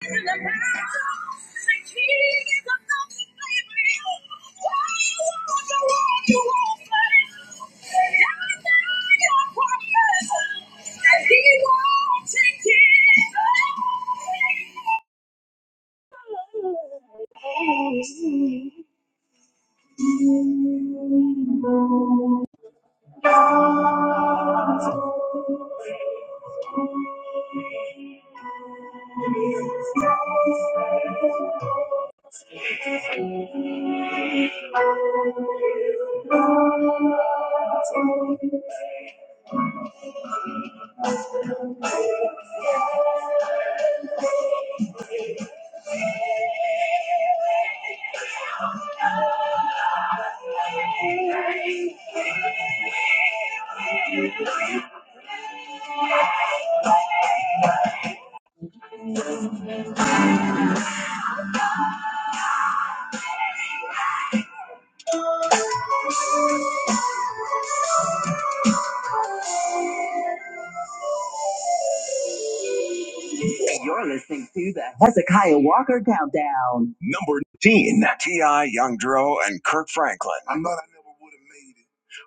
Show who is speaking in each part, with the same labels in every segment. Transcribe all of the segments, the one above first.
Speaker 1: Thank you. You're listening to the Hezekiah Walker Countdown. Number 10, T.I. Young and Kirk Franklin. I know I never would have made it.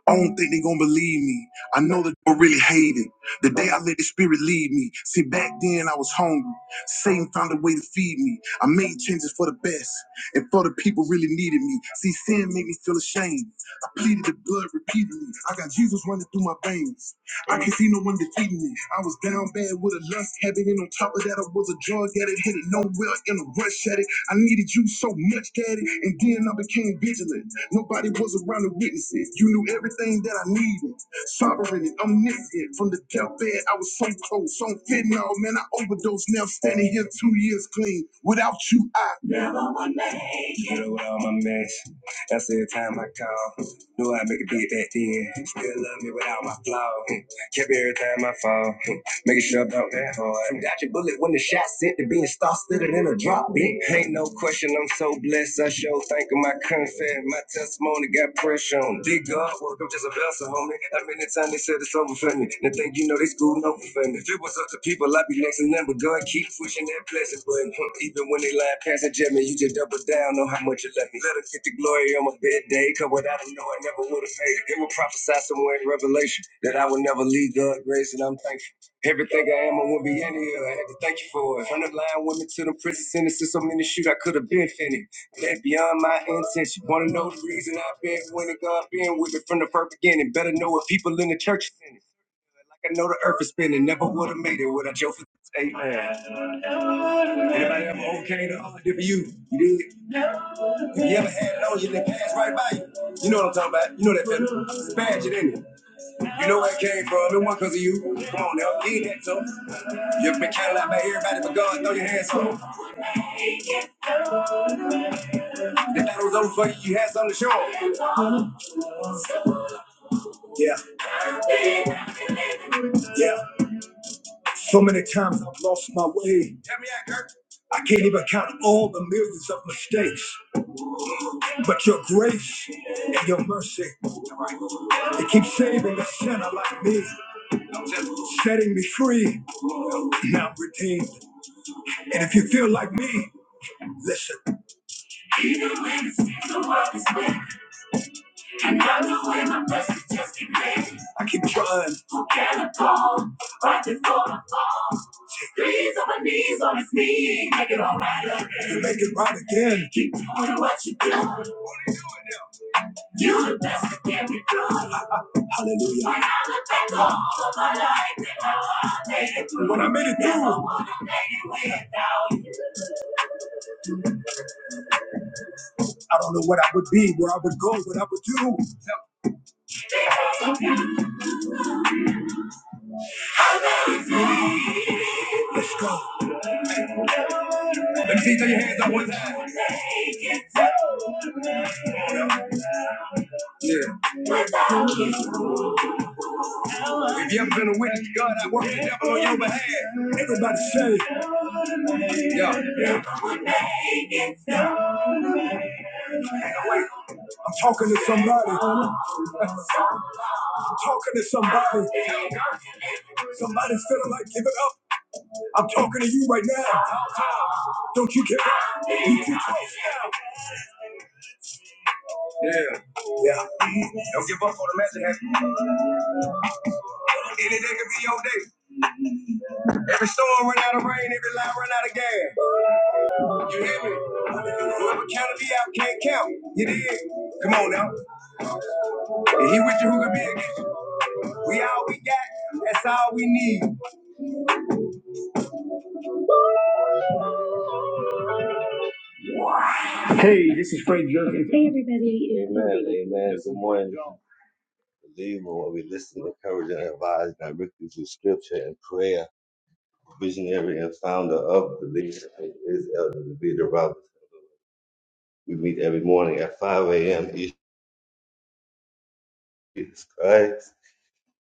Speaker 1: I don't think they gonna believe me. I know that they really hate it. The day I let the spirit lead me. See, back then I was hungry. Satan found a way to feed me. I made changes for the best and for the people really needed me. See, sin made me feel ashamed. I pleaded the blood repeatedly. I got Jesus running through my veins. I can see no one defeating me. I was down bad with a lust habit, and on top of that, I was a drug addict. Hit it nowhere in a rush at it. I needed you so much, daddy, and then I became vigilant. Nobody was around to witness it. You knew everything that I needed. Sovereign and omniscient. From the deathbed, I was so close. On fentanyl, man, I overdosed. Now standing here two years clean. Without you, I. Yeah, I get it with all my mess. That's every time I call. Knew I make a beat back then. Still love me without my flaw. Kept every time I fall. Making sure about that hard. Got your bullet when the shot sent to being star studded in a drop big. Ain't no question, I'm so blessed. I show thank you, my confess. My testimony got pressure on. it. Big God, work, I'm just a vessel, homie. How many times they said it's over for me? They think you know they schooling over for me. If it was up to people, I'd be next to them, but God keep pushing that blessing button. Even when they lying past that jet, man, you just double down on how much you love me. Let her get the glory on my bed day, cause without her, no, I never would have made it. It will prophesy somewhere in Revelation that I would never leave God grace, and I'm thankful. Everything I am, I wouldn't be in here. I had to thank you for it. From the line women to them prison sentences, so many shoot I could have been finished. That beyond my intent. You wanna know the reason I've been winning? God been with me from the first beginning. Better know what people in the church is in it. Like I know the earth is spinning. Never would have made it without Joe. Amen. Anybody ever okay to hard for you? You did. If you ever had it on you, then pass right by you. You know what I'm talking about. You know that feeling. It's bad, you didn't. it? You know where it came from. It wasn't because of you. Come on now. You ain't that tough. you been counted out by everybody, but God, throw your hands up. The battle was over for you. You had something to show 'em. Yeah, yeah. So many times I've lost my way. Tell me that, Kurt. I can't even count all the millions of mistakes, but your grace and your mercy, they keep saving a sinner like me, setting me free. Now I'm redeemed. And if you feel like me, listen. I keep trying. Knees on my knees on his knees, Make it all right again. make it right again. Keep doing what you do. Hallelujah. When I made it through, I don't know what I would be, where I would go, what I would do. Let me see, throw your hands up one time. Yeah. If you ever been a witness to God, I work the devil on your behalf. Everybody say, yeah. yeah. Wait, I'm talking to somebody. I'm talking to somebody. Somebody's feeling like giving up. I'm talking to you right now. Don't you give up. You keep Yeah. Yeah. Don't give up on the magic happen. Any day could be your day. Every storm run out of rain, every line run out of gas. You hear me? Whoever counted me out can't count. You did. Come on now. If he with you, who could be against you? We all we got. That's all we need. Hey, this is. Hey, everybody. Amen. Amen. Good morning. Believe in what we listen, encourage, and advise directly through scripture and prayer. visionary and founder of the League is Elder Davida Roberts. We meet every morning at 5 a.m. Eastern Jesus Christ.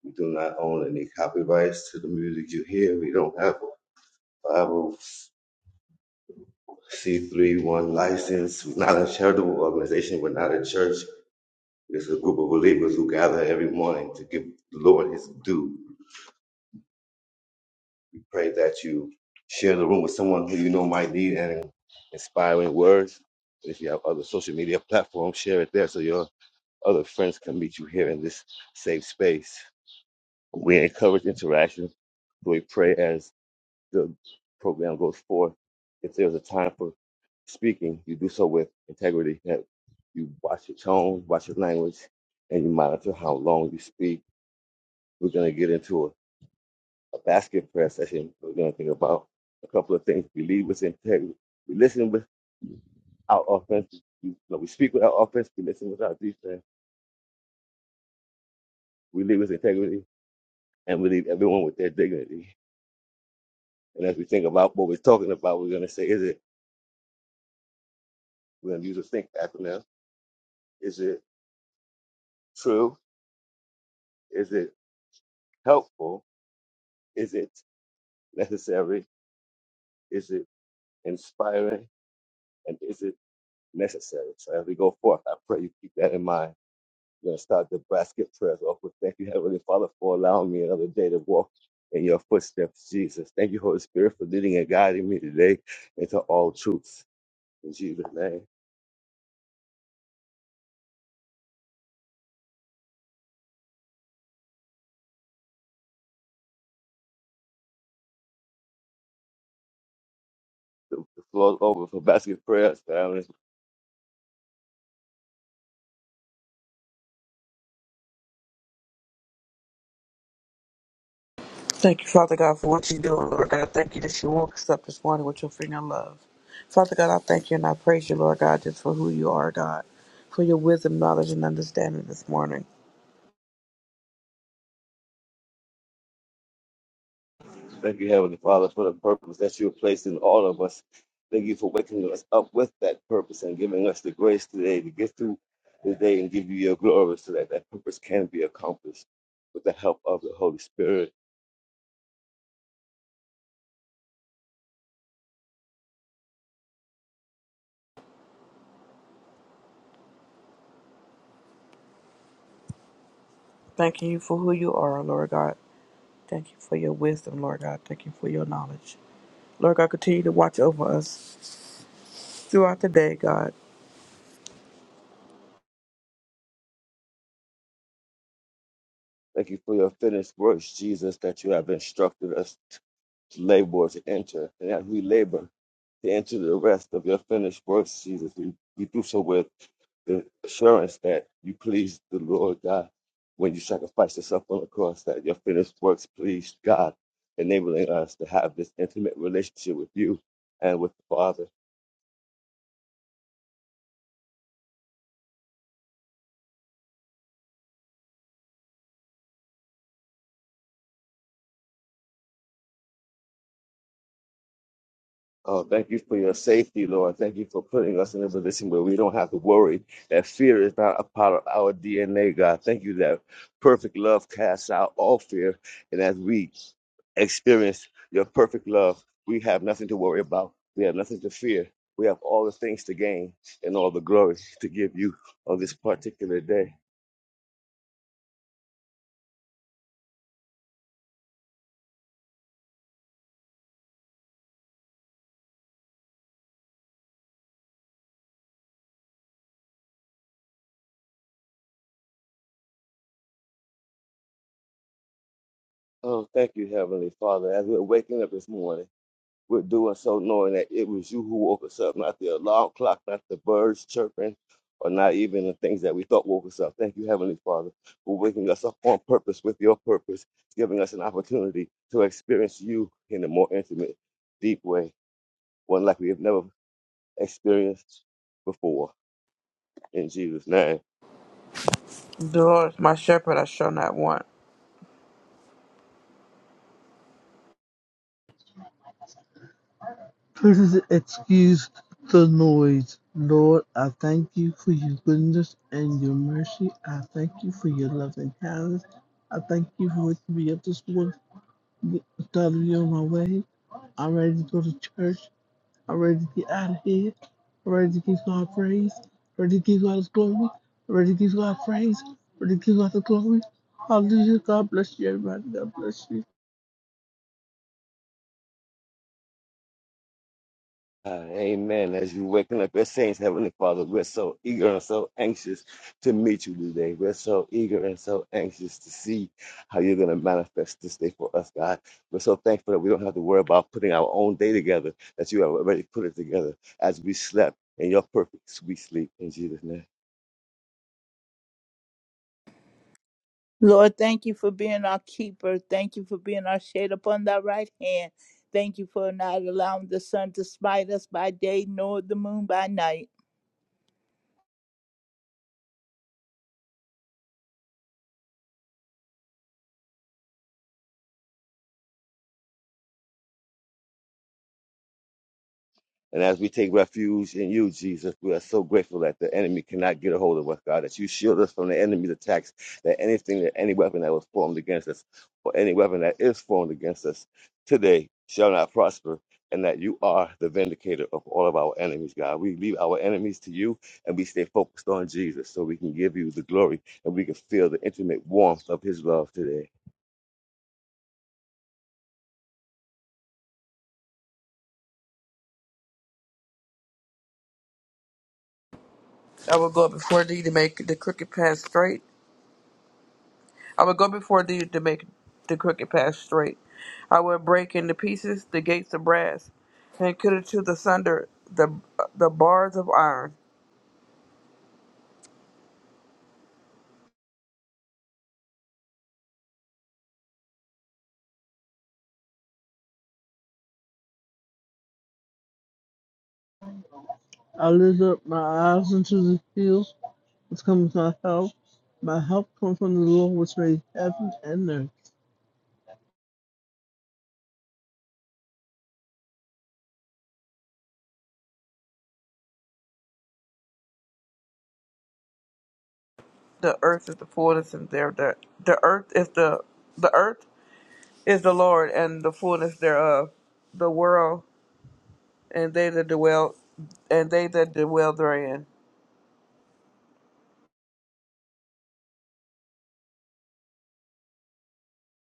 Speaker 1: We do not own any copyrights to the music you hear. We don't have a 501c31 license. We're not a charitable organization. We're not a church. It's a group of believers who gather every morning to give the Lord his due. We pray that you share the room with someone who you know might need an inspiring word. If you have other social media platforms, share it there so your Other friends can meet you here in this safe space. We encourage interaction. We pray as the program goes forth. If there's a time for speaking, you do so with integrity. That you watch your tone, watch your language, and you monitor how long you speak. We're going to get into a, a basket prayer session. We're going to think about a couple of things. We lead with integrity. We listen with our offense. We, no, we speak with our offense. We listen with our defense. We lead with integrity and we leave everyone with their dignity. And as we think about what we're talking about, we're going to say, is it, we're going to use a think acronym, is it true? Is it helpful? Is it necessary? Is it inspiring? And is it necessary? So as we go forth, I pray you keep that in mind. We're going to start the basket prayers off with thank you, Heavenly Father, for allowing me another day to walk in your footsteps, Jesus. Thank you, Holy Spirit, for leading and guiding me today into all truths. In Jesus' name. The the floor is open for basket prayers, family.
Speaker 2: Thank you, Father God, for what you do, Lord God. Thank you that you woke us up this morning with your finger of love. Father God, I thank you and I praise you, Lord God, just for who you are, God, for your wisdom, knowledge, and understanding this morning.
Speaker 1: Thank you, Heavenly Father, for the purpose that you have placed in all of us. Thank you for waking us up with that purpose and giving us the grace today to get through the day and give you your glory so that that purpose can be accomplished with the help of the Holy Spirit.
Speaker 2: Thanking you for who you are, Lord God. Thank you for your wisdom, Lord God. Thank you for your knowledge. Lord God, continue to watch over us throughout the day, God.
Speaker 1: Thank you for your finished works, Jesus, that you have instructed us. labor to enter, and as we labor to enter the rest of your finished works, Jesus, we, we do so with the assurance that you pleased the Lord God when you sacrificed yourself on the cross, that your finished works pleased God, enabling us to have this intimate relationship with you and with the Father. Oh, thank you for your safety, Lord. Thank you for putting us in a position where we don't have to worry that fear is not a part of our DNA, God. Thank you that perfect love casts out all fear. And as we experience your perfect love, we have nothing to worry about. We have nothing to fear. We have all the things to gain and all the glory to give you on this particular day. Oh, thank you, Heavenly Father. As we're waking up this morning, We're doing so knowing that it was you who woke us up, not the alarm clock, not the birds chirping, or not even the things that we thought woke us up. Thank you, Heavenly Father, for waking us up on purpose with your purpose, giving us an opportunity to experience you in a more intimate, deep way, one like we have never experienced before. In Jesus' name.
Speaker 2: The Lord is my shepherd, I shall not want.
Speaker 3: Please excuse the noise. Lord, I thank you for your goodness and your mercy. I thank you for your love and kindness. I thank you for what you be up this morning. Started me on my way. I'm ready to go to church. I'm ready to get out of here. I'm ready to give God praise. I'm ready to give God his glory. I'm ready to give God praise. I'm ready to give God the glory. Hallelujah. God bless you, everybody. God bless you.
Speaker 1: Uh, amen. As you're waking up, your saints, Heavenly Father, we're so eager and so anxious to meet you today. We're so eager and so anxious to see how you're going to manifest this day for us, God. We're so thankful that we don't have to worry about putting our own day together, that you have already put it together as we slept in your perfect sweet sleep in Jesus' name.
Speaker 4: Lord, thank you for being our keeper. Thank you for being our shade upon thy right hand. Thank you for not allowing the sun to smite us by day, nor the moon by night.
Speaker 1: And as we take refuge in you, Jesus, we are so grateful that the enemy cannot get a hold of us, God, that you shield us from the enemy's attacks, that anything, that any weapon that was formed against us, or any weapon that is formed against us today shall not prosper, and that you are the vindicator of all of our enemies, God. We leave our enemies to you, and we stay focused on Jesus so we can give you the glory and we can feel the intimate warmth of his love today.
Speaker 2: I will go before thee to make the crooked path straight I will go before thee to make the crooked path straight. I will break into pieces the gates of brass, and cut into the sunder the the bars of iron.
Speaker 3: I lift up my eyes unto the hills. which comes my help. My help comes from the Lord which made heaven and earth.
Speaker 2: The earth is the fullness and there the, the earth is the the earth is the Lord and the fullness thereof, the world and they that dwell and they that dwell therein.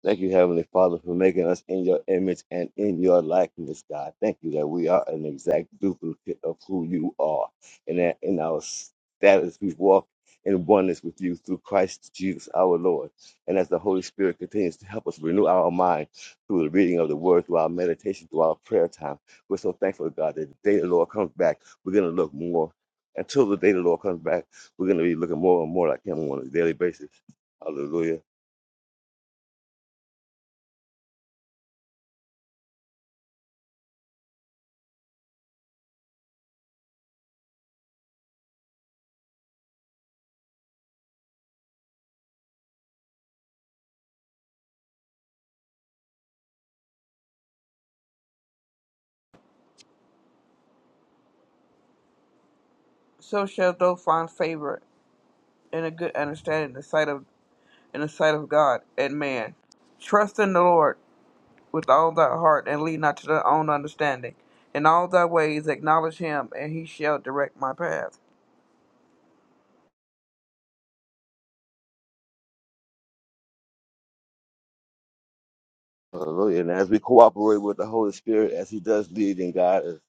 Speaker 1: Thank you, Heavenly Father, for making us in your image and in your likeness, God. Thank you that we are an exact duplicate of who you are and that in our status we walk in oneness with you through Christ Jesus our Lord. And as the Holy Spirit continues to help us renew our mind through the reading of the word, through our meditation, through our prayer time, we're so thankful, God, that the day the Lord comes back, we're going to look more. Until the day the Lord comes back, we're going to be looking more and more like Him on a daily basis. Hallelujah.
Speaker 2: So shalt thou find favor and a good understanding in the sight of in the sight of God and man. Trust in the Lord with all thy heart, and lean not to thy own understanding. In all thy ways acknowledge him, and he shall direct my path.
Speaker 1: Hallelujah. And as we cooperate with the Holy Spirit, as He does lead and guide us,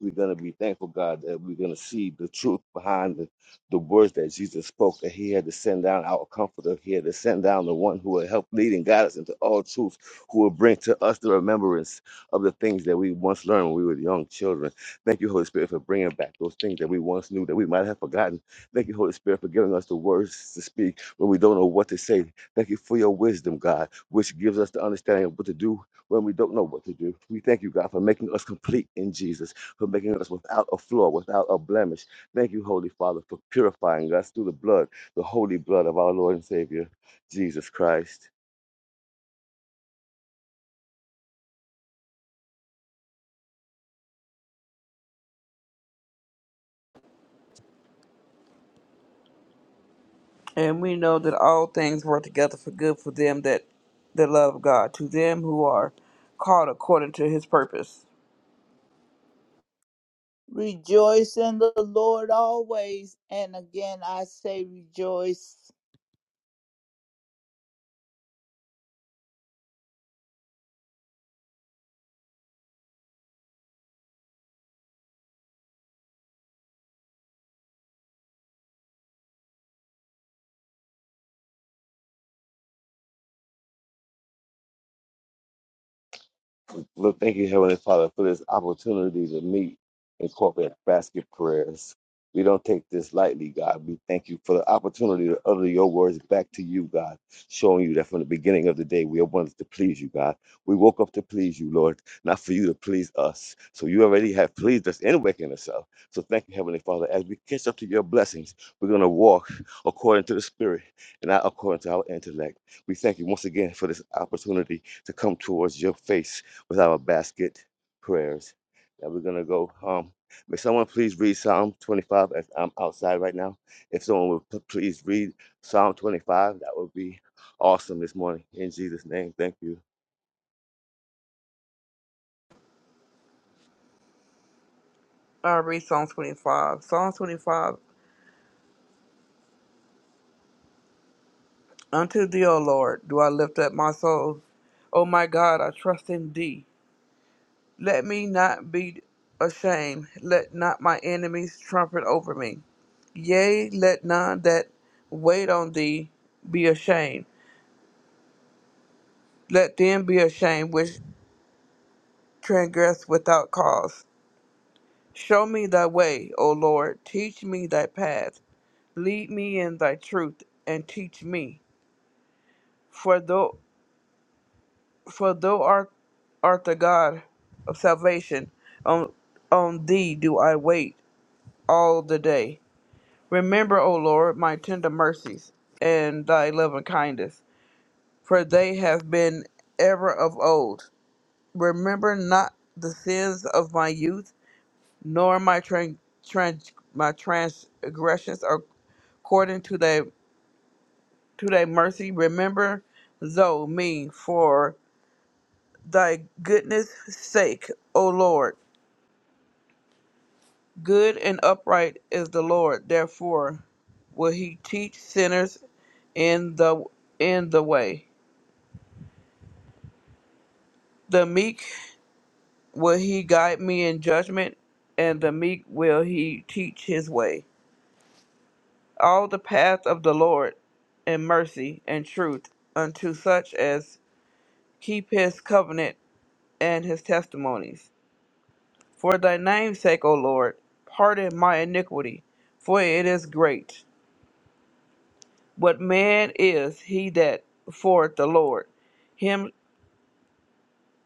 Speaker 1: we're going to be thankful, God, that we're going to see the truth behind the, the words that Jesus spoke, that He had to send down our comforter, He had to send down the one who will help lead and guide us into all truth, who will bring to us the remembrance of the things that we once learned when we were young children. Thank you, Holy Spirit, for bringing back those things that we once knew that we might have forgotten. Thank you, Holy Spirit, for giving us the words to speak when we don't know what to say. Thank you for your wisdom, God, which gives us the understanding of what to do when we don't know what to do. We thank you, God, for making us complete in Jesus, for making us without a flaw, without a blemish. Thank you, Holy Father, for purifying us through the blood, the holy blood of our Lord and Savior, Jesus Christ.
Speaker 2: And we know that all things work together for good for them that, that love God, to them who are called according to his purpose.
Speaker 4: Rejoice in the Lord always. And again, I say rejoice.
Speaker 1: Lord, thank you, Heavenly Father, for this opportunity to meet in corporate basket prayers. We don't take this lightly, God. We thank you for the opportunity to utter your words back to you, God, showing you that from the beginning of the day we wanted to please you, God. We woke up to please you, Lord, not for you to please us. So you already have pleased us in waking us up. So thank you, Heavenly Father. As we catch up to your blessings, we're going to walk according to the Spirit and not according to our intellect. We thank you once again for this opportunity to come towards your face with our basket prayers. Now we're gonna go. Um, may someone please read Psalm 25 as I'm outside right now. If someone would p- please read Psalm 25, that would be awesome this morning. In Jesus' name, thank you.
Speaker 2: I read Psalm 25. Psalm 25 Unto thee, O Lord, do I lift up my soul. O my God, I trust in thee. Let me not be ashamed. Let not my enemies trumpet over me. Yea, let none that wait on thee be ashamed. Let them be ashamed which transgress without cause. Show me thy way, O Lord. Teach me thy path. Lead me in thy truth and teach me. For thou, for thou art, art the God of salvation. On, on thee do I wait all the day. Remember, O Lord, my tender mercies and thy loving kindness, for they have been ever of old. Remember not the sins of my youth, nor my tran- trans- my transgressions according to thy to thy mercy. Remember thou me for thy goodness' sake, O Lord. Good and upright is the Lord; therefore will he teach sinners in the in the way. The meek will he guide me in judgment, and the meek will he teach his way. All the path of the Lord and mercy and truth unto such as keep his covenant and his testimonies. For thy name's sake, O Lord, pardon my iniquity, for it is great. What man is he that feareth the Lord. Him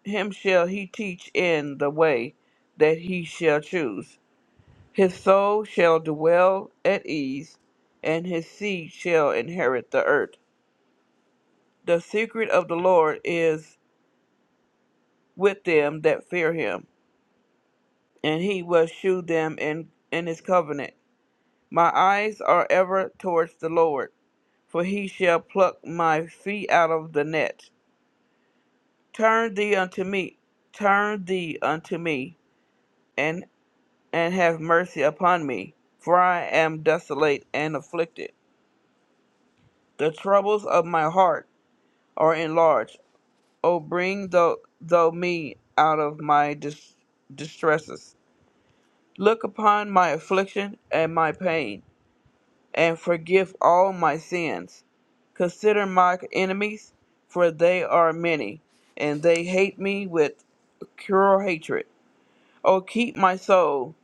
Speaker 2: him shall he teach in the way that he shall choose. His soul shall dwell at ease, and his seed shall inherit the earth. The secret of the Lord is with them that fear him, and he will shew them in, in his covenant. My eyes are ever towards the Lord, for he shall pluck my feet out of the net. Turn thee unto me, turn thee unto me, and and have mercy upon me, for I am desolate and afflicted. The troubles of my heart or enlarge. O bring thou, thou me out of my dis- distresses. Look upon my affliction and my pain, and forgive all my sins. Consider my enemies, for they are many, and they hate me with cruel hatred. O keep my soul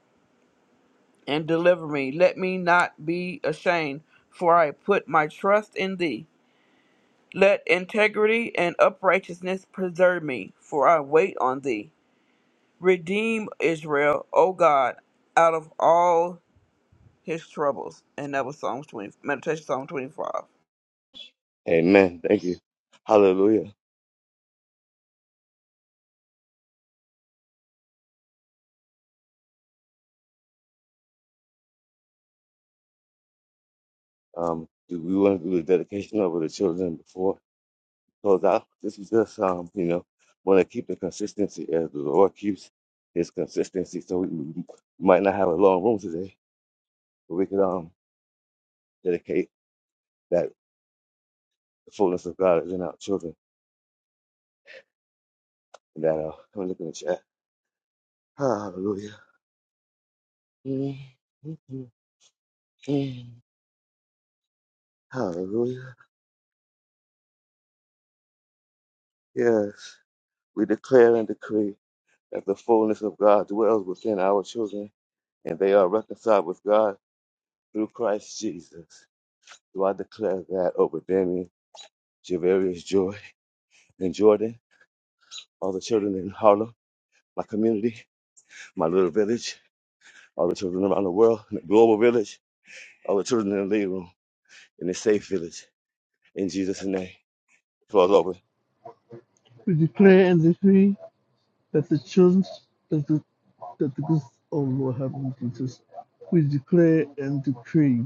Speaker 2: and deliver me. Let me not be ashamed, for I put my trust in thee. Let integrity and uprightness preserve me, for I wait on thee. Redeem Israel, O God, out of all his troubles. And that was Psalms 20, Meditation Psalm 25.
Speaker 1: Amen. Thank you. Hallelujah. Um, do we want to do the dedication over the children before we close out? This is just um, you know, want to keep the consistency as the Lord keeps His consistency. So we we might not have a long room today, but we could um dedicate that The fullness of God is in our children. And that uh, I'm looking at you. Hallelujah. Mm-hmm. Hallelujah. Yes. We declare and decree that the fullness of God dwells within our children, and they are reconciled with God through Christ Jesus. Do I declare that over Damien, Javarius, Joy, and Jordan, all the children in Harlem, my community, my little village, all the children around the world, in the global village, all the children in the living room, in the safe village, in Jesus' name. Floor's open.
Speaker 3: We declare and decree that the children that the that the good oh Lord help me Jesus. We declare and decree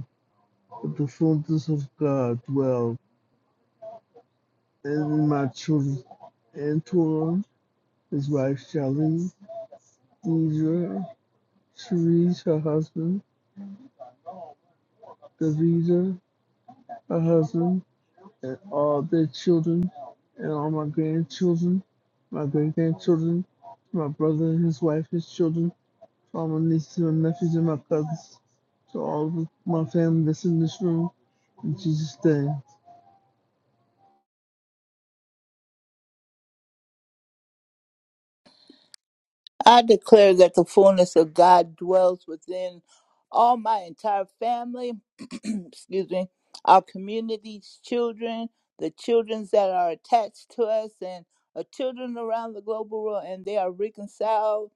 Speaker 3: that the fullness of God dwell in my children. Antoine, his wife Shelly, Deidre, Cherise, her husband, Davida, her husband, and all their children and all my grandchildren, my great grandchildren, my brother and his wife, his children, to all my nieces and my nephews and my cousins, to all of my family that's in this room, in Jesus' name.
Speaker 4: I declare that the fullness of God dwells within all my entire family, excuse me, our communities, children, the children that are attached to us, and our children around the global world, and they are reconciled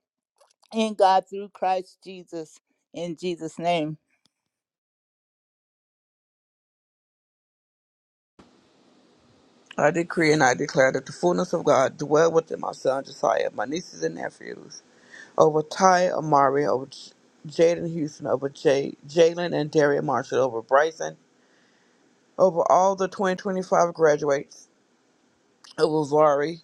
Speaker 4: in God through Christ Jesus. In Jesus' name.
Speaker 2: I decree and I declare that the fullness of God dwell within my son Josiah, my nieces and nephews, over Ty Amari, over J- Jaden Houston, over Jay, Jalen and Darian Marshall, over Bryson, over all the 2025 graduates, over Zari,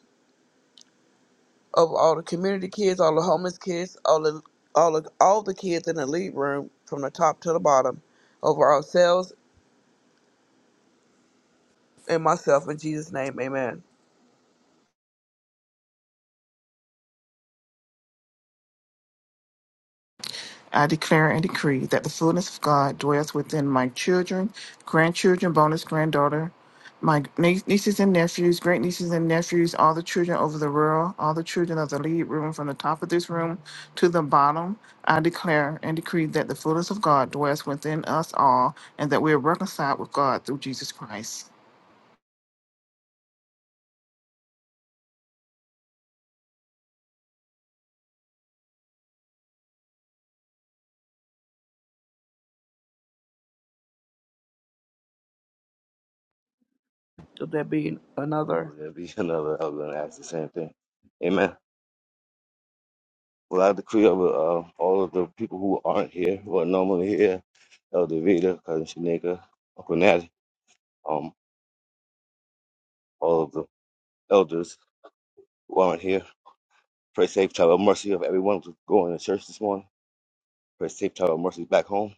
Speaker 2: of all the community kids, all the homeless kids, all the all the all the kids in the lead room from the top to the bottom, over ourselves and myself in Jesus' name, Amen.
Speaker 5: I declare and decree that the fullness of God dwells within my children, grandchildren, bonus granddaughter, my nie- nieces and nephews, great nieces and nephews, all the children over the world, all the children of the lead room from the top of this room to the bottom. I declare and decree that the fullness of God dwells within us all and that we are reconciled with God through Jesus Christ.
Speaker 2: If there be another,
Speaker 1: There'll be another. I was going to ask the same thing. Amen. Well, I decree over uh, all of the people who aren't here, who are normally here, Elder Vita, Cousin Shanika, Uncle Natty, um, all of the elders who aren't here. Pray safe travel of mercy of everyone who's going to church this morning. Pray safe travel of mercy back home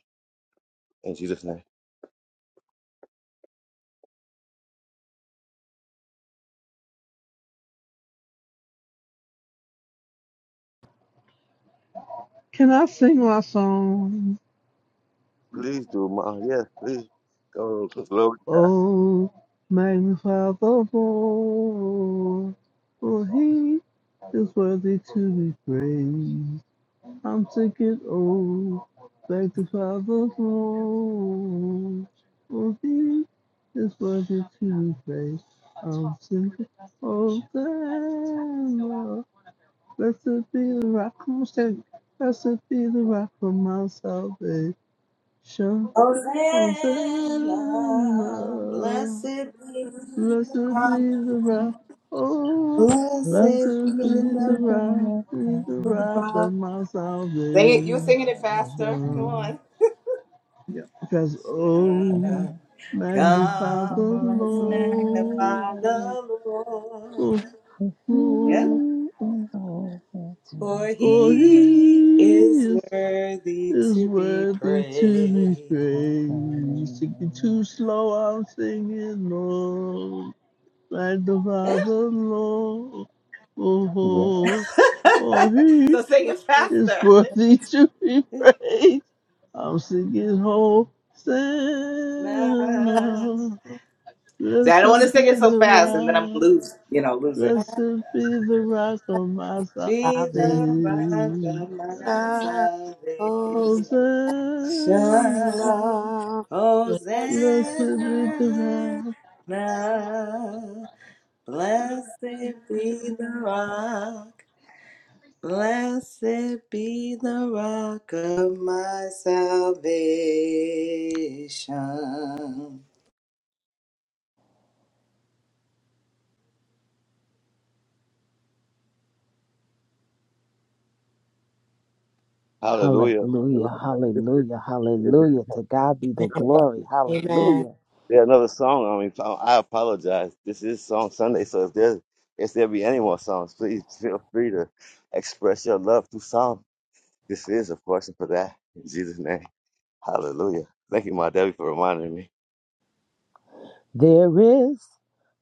Speaker 1: in Jesus' name.
Speaker 3: Can I sing my song?
Speaker 1: Please do, Ma. Yes, please. Go, glory.
Speaker 3: Oh, magnify the Lord, for he is worthy to be praised. I'm taking and old. Back to Father's home. For thee, this was a Tuesday. I'm taking and old. Lord. Blessed be the rock of my salvation. Blessed be the rock of my salvation.
Speaker 6: Hosanna, blessed
Speaker 3: Hosanna.
Speaker 6: be the
Speaker 3: Blessed
Speaker 6: rock,
Speaker 3: be the rock, oh,
Speaker 7: Blessed
Speaker 3: blessed
Speaker 6: blessed be
Speaker 3: be the
Speaker 6: the
Speaker 7: the
Speaker 3: rock,
Speaker 7: Lord
Speaker 3: be
Speaker 7: God,
Speaker 3: the
Speaker 7: my
Speaker 3: rock
Speaker 7: salvation.
Speaker 3: of
Speaker 6: rock.
Speaker 3: my
Speaker 6: Sing it, you're
Speaker 3: salvation.
Speaker 6: singing it faster. Come
Speaker 7: Oh,
Speaker 6: on.
Speaker 3: Yeah, because oh,
Speaker 7: He
Speaker 3: magnify
Speaker 6: Come,
Speaker 3: the
Speaker 6: let's magnify
Speaker 3: Lord,
Speaker 6: the
Speaker 3: oh,
Speaker 6: Lord. Yeah.
Speaker 3: oh,
Speaker 7: is worthy to
Speaker 6: For
Speaker 7: be
Speaker 3: for
Speaker 7: praised.
Speaker 6: he
Speaker 3: He
Speaker 6: is
Speaker 3: is
Speaker 6: worthy
Speaker 3: is
Speaker 6: to be
Speaker 3: worthy to be
Speaker 6: praised.
Speaker 7: His
Speaker 3: praised. Singing
Speaker 7: name.
Speaker 3: too slow, I'm singing low. like the Father, Lord.
Speaker 7: Yeah.
Speaker 3: Oh, for he
Speaker 6: so sing
Speaker 8: This
Speaker 6: it
Speaker 8: is
Speaker 3: is
Speaker 6: faster.
Speaker 3: worthy to be praised. I'm singing
Speaker 8: the
Speaker 3: Hosanna.
Speaker 6: See, I don't want to
Speaker 3: Blessed
Speaker 6: sing
Speaker 3: be
Speaker 6: it so
Speaker 3: the
Speaker 6: fast, and then I'm gonna
Speaker 3: rock,
Speaker 6: lose, you know, lose it.
Speaker 3: blessed be the rock of my
Speaker 6: Be
Speaker 8: salvation.
Speaker 6: the rock
Speaker 3: salvation.
Speaker 6: of my
Speaker 8: Oh,
Speaker 3: Hosanna,
Speaker 6: salvation,
Speaker 8: love, yes,
Speaker 3: blessed be the
Speaker 6: Hosanna.
Speaker 3: rock.
Speaker 6: Blessed be the rock, blessed be the rock of my salvation.
Speaker 1: Hallelujah. Hallelujah.
Speaker 7: Hallelujah.
Speaker 1: This is,
Speaker 7: Hallelujah.
Speaker 1: is this
Speaker 7: Hallelujah. To God be the
Speaker 8: amen,
Speaker 7: glory.
Speaker 8: amen.
Speaker 7: Hallelujah.
Speaker 1: Yeah, another song. I mean, I I apologize. This is Song Sunday, so if there if there be any more songs, please feel free to express your love through song. This is, of course, and for that, in Jesus' name, Hallelujah. Thank you, my Debbie, for reminding me.
Speaker 7: There is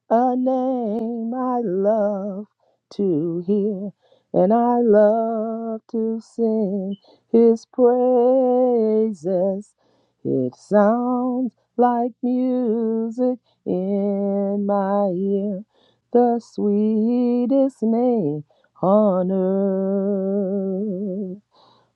Speaker 7: a name I love to hear, and I love to sing his praises. It sounds like music in my ear, the sweetest name on earth.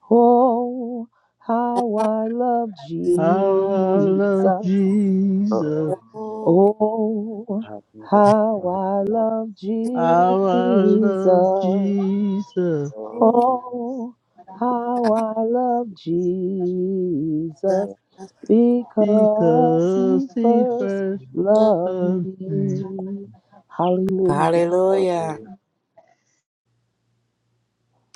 Speaker 7: Oh, how I love
Speaker 8: You
Speaker 3: How I
Speaker 7: Jesus.
Speaker 3: love Jesus.
Speaker 8: hold
Speaker 7: Oh, how I love
Speaker 3: How I
Speaker 7: Jesus.
Speaker 3: love Jesus.
Speaker 7: Oh, how I love Jesus
Speaker 8: us.
Speaker 7: because
Speaker 3: Because
Speaker 7: he
Speaker 3: he
Speaker 7: first
Speaker 3: first
Speaker 7: loved
Speaker 3: loved me.
Speaker 7: me. Hallelujah.
Speaker 8: Hallelujah,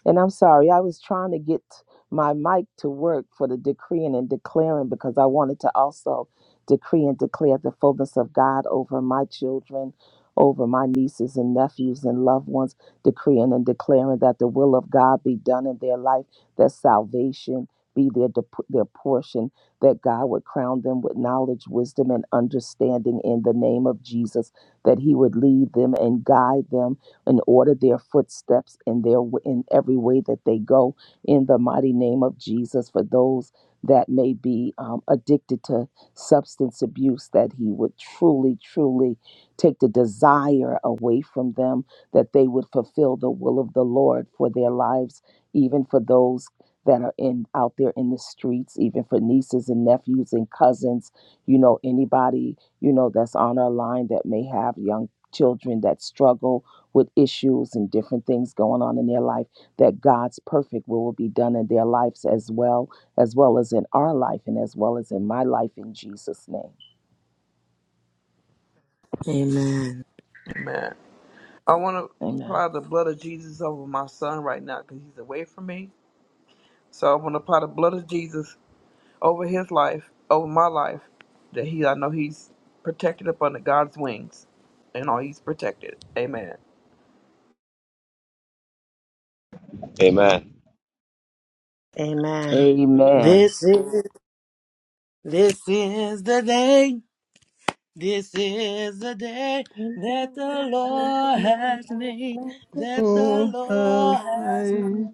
Speaker 7: And I'm sorry, I was trying to get my mic to work for the decreeing and declaring because I wanted to also decree and declare the fullness of God over my children, over my nieces and nephews and loved ones, decreeing and declaring that the will of God be done in their life, that salvation be their dep- their portion, that God would crown them with knowledge, wisdom, and understanding in the name of Jesus, that He would lead them and guide them and order their footsteps in their in every way that they go in the mighty name of Jesus for those that may be um, addicted to substance abuse that he would truly truly take the desire away from them that they would fulfill the will of the Lord for their lives even for those that are in out there in the streets even for nieces and nephews and cousins you know anybody you know that's on our line that may have young children that struggle with issues and different things going on in their life that God's perfect will will be done in their lives as well as well as in our life and as well as in my life in Jesus name.
Speaker 8: amen,
Speaker 2: Amen. I want to
Speaker 7: Amen.
Speaker 2: apply the blood of Jesus over my son right now because he's away from me. So I want to apply the blood of Jesus over his life, over my life, that he I know he's protected up under God's wings, and all he's protected. Amen.
Speaker 1: Amen.
Speaker 8: amen.
Speaker 7: Amen.
Speaker 8: This is this is the day. This is the day that the Lord has made. That the
Speaker 3: Oh,
Speaker 8: Lord
Speaker 3: how
Speaker 8: has made.
Speaker 3: I,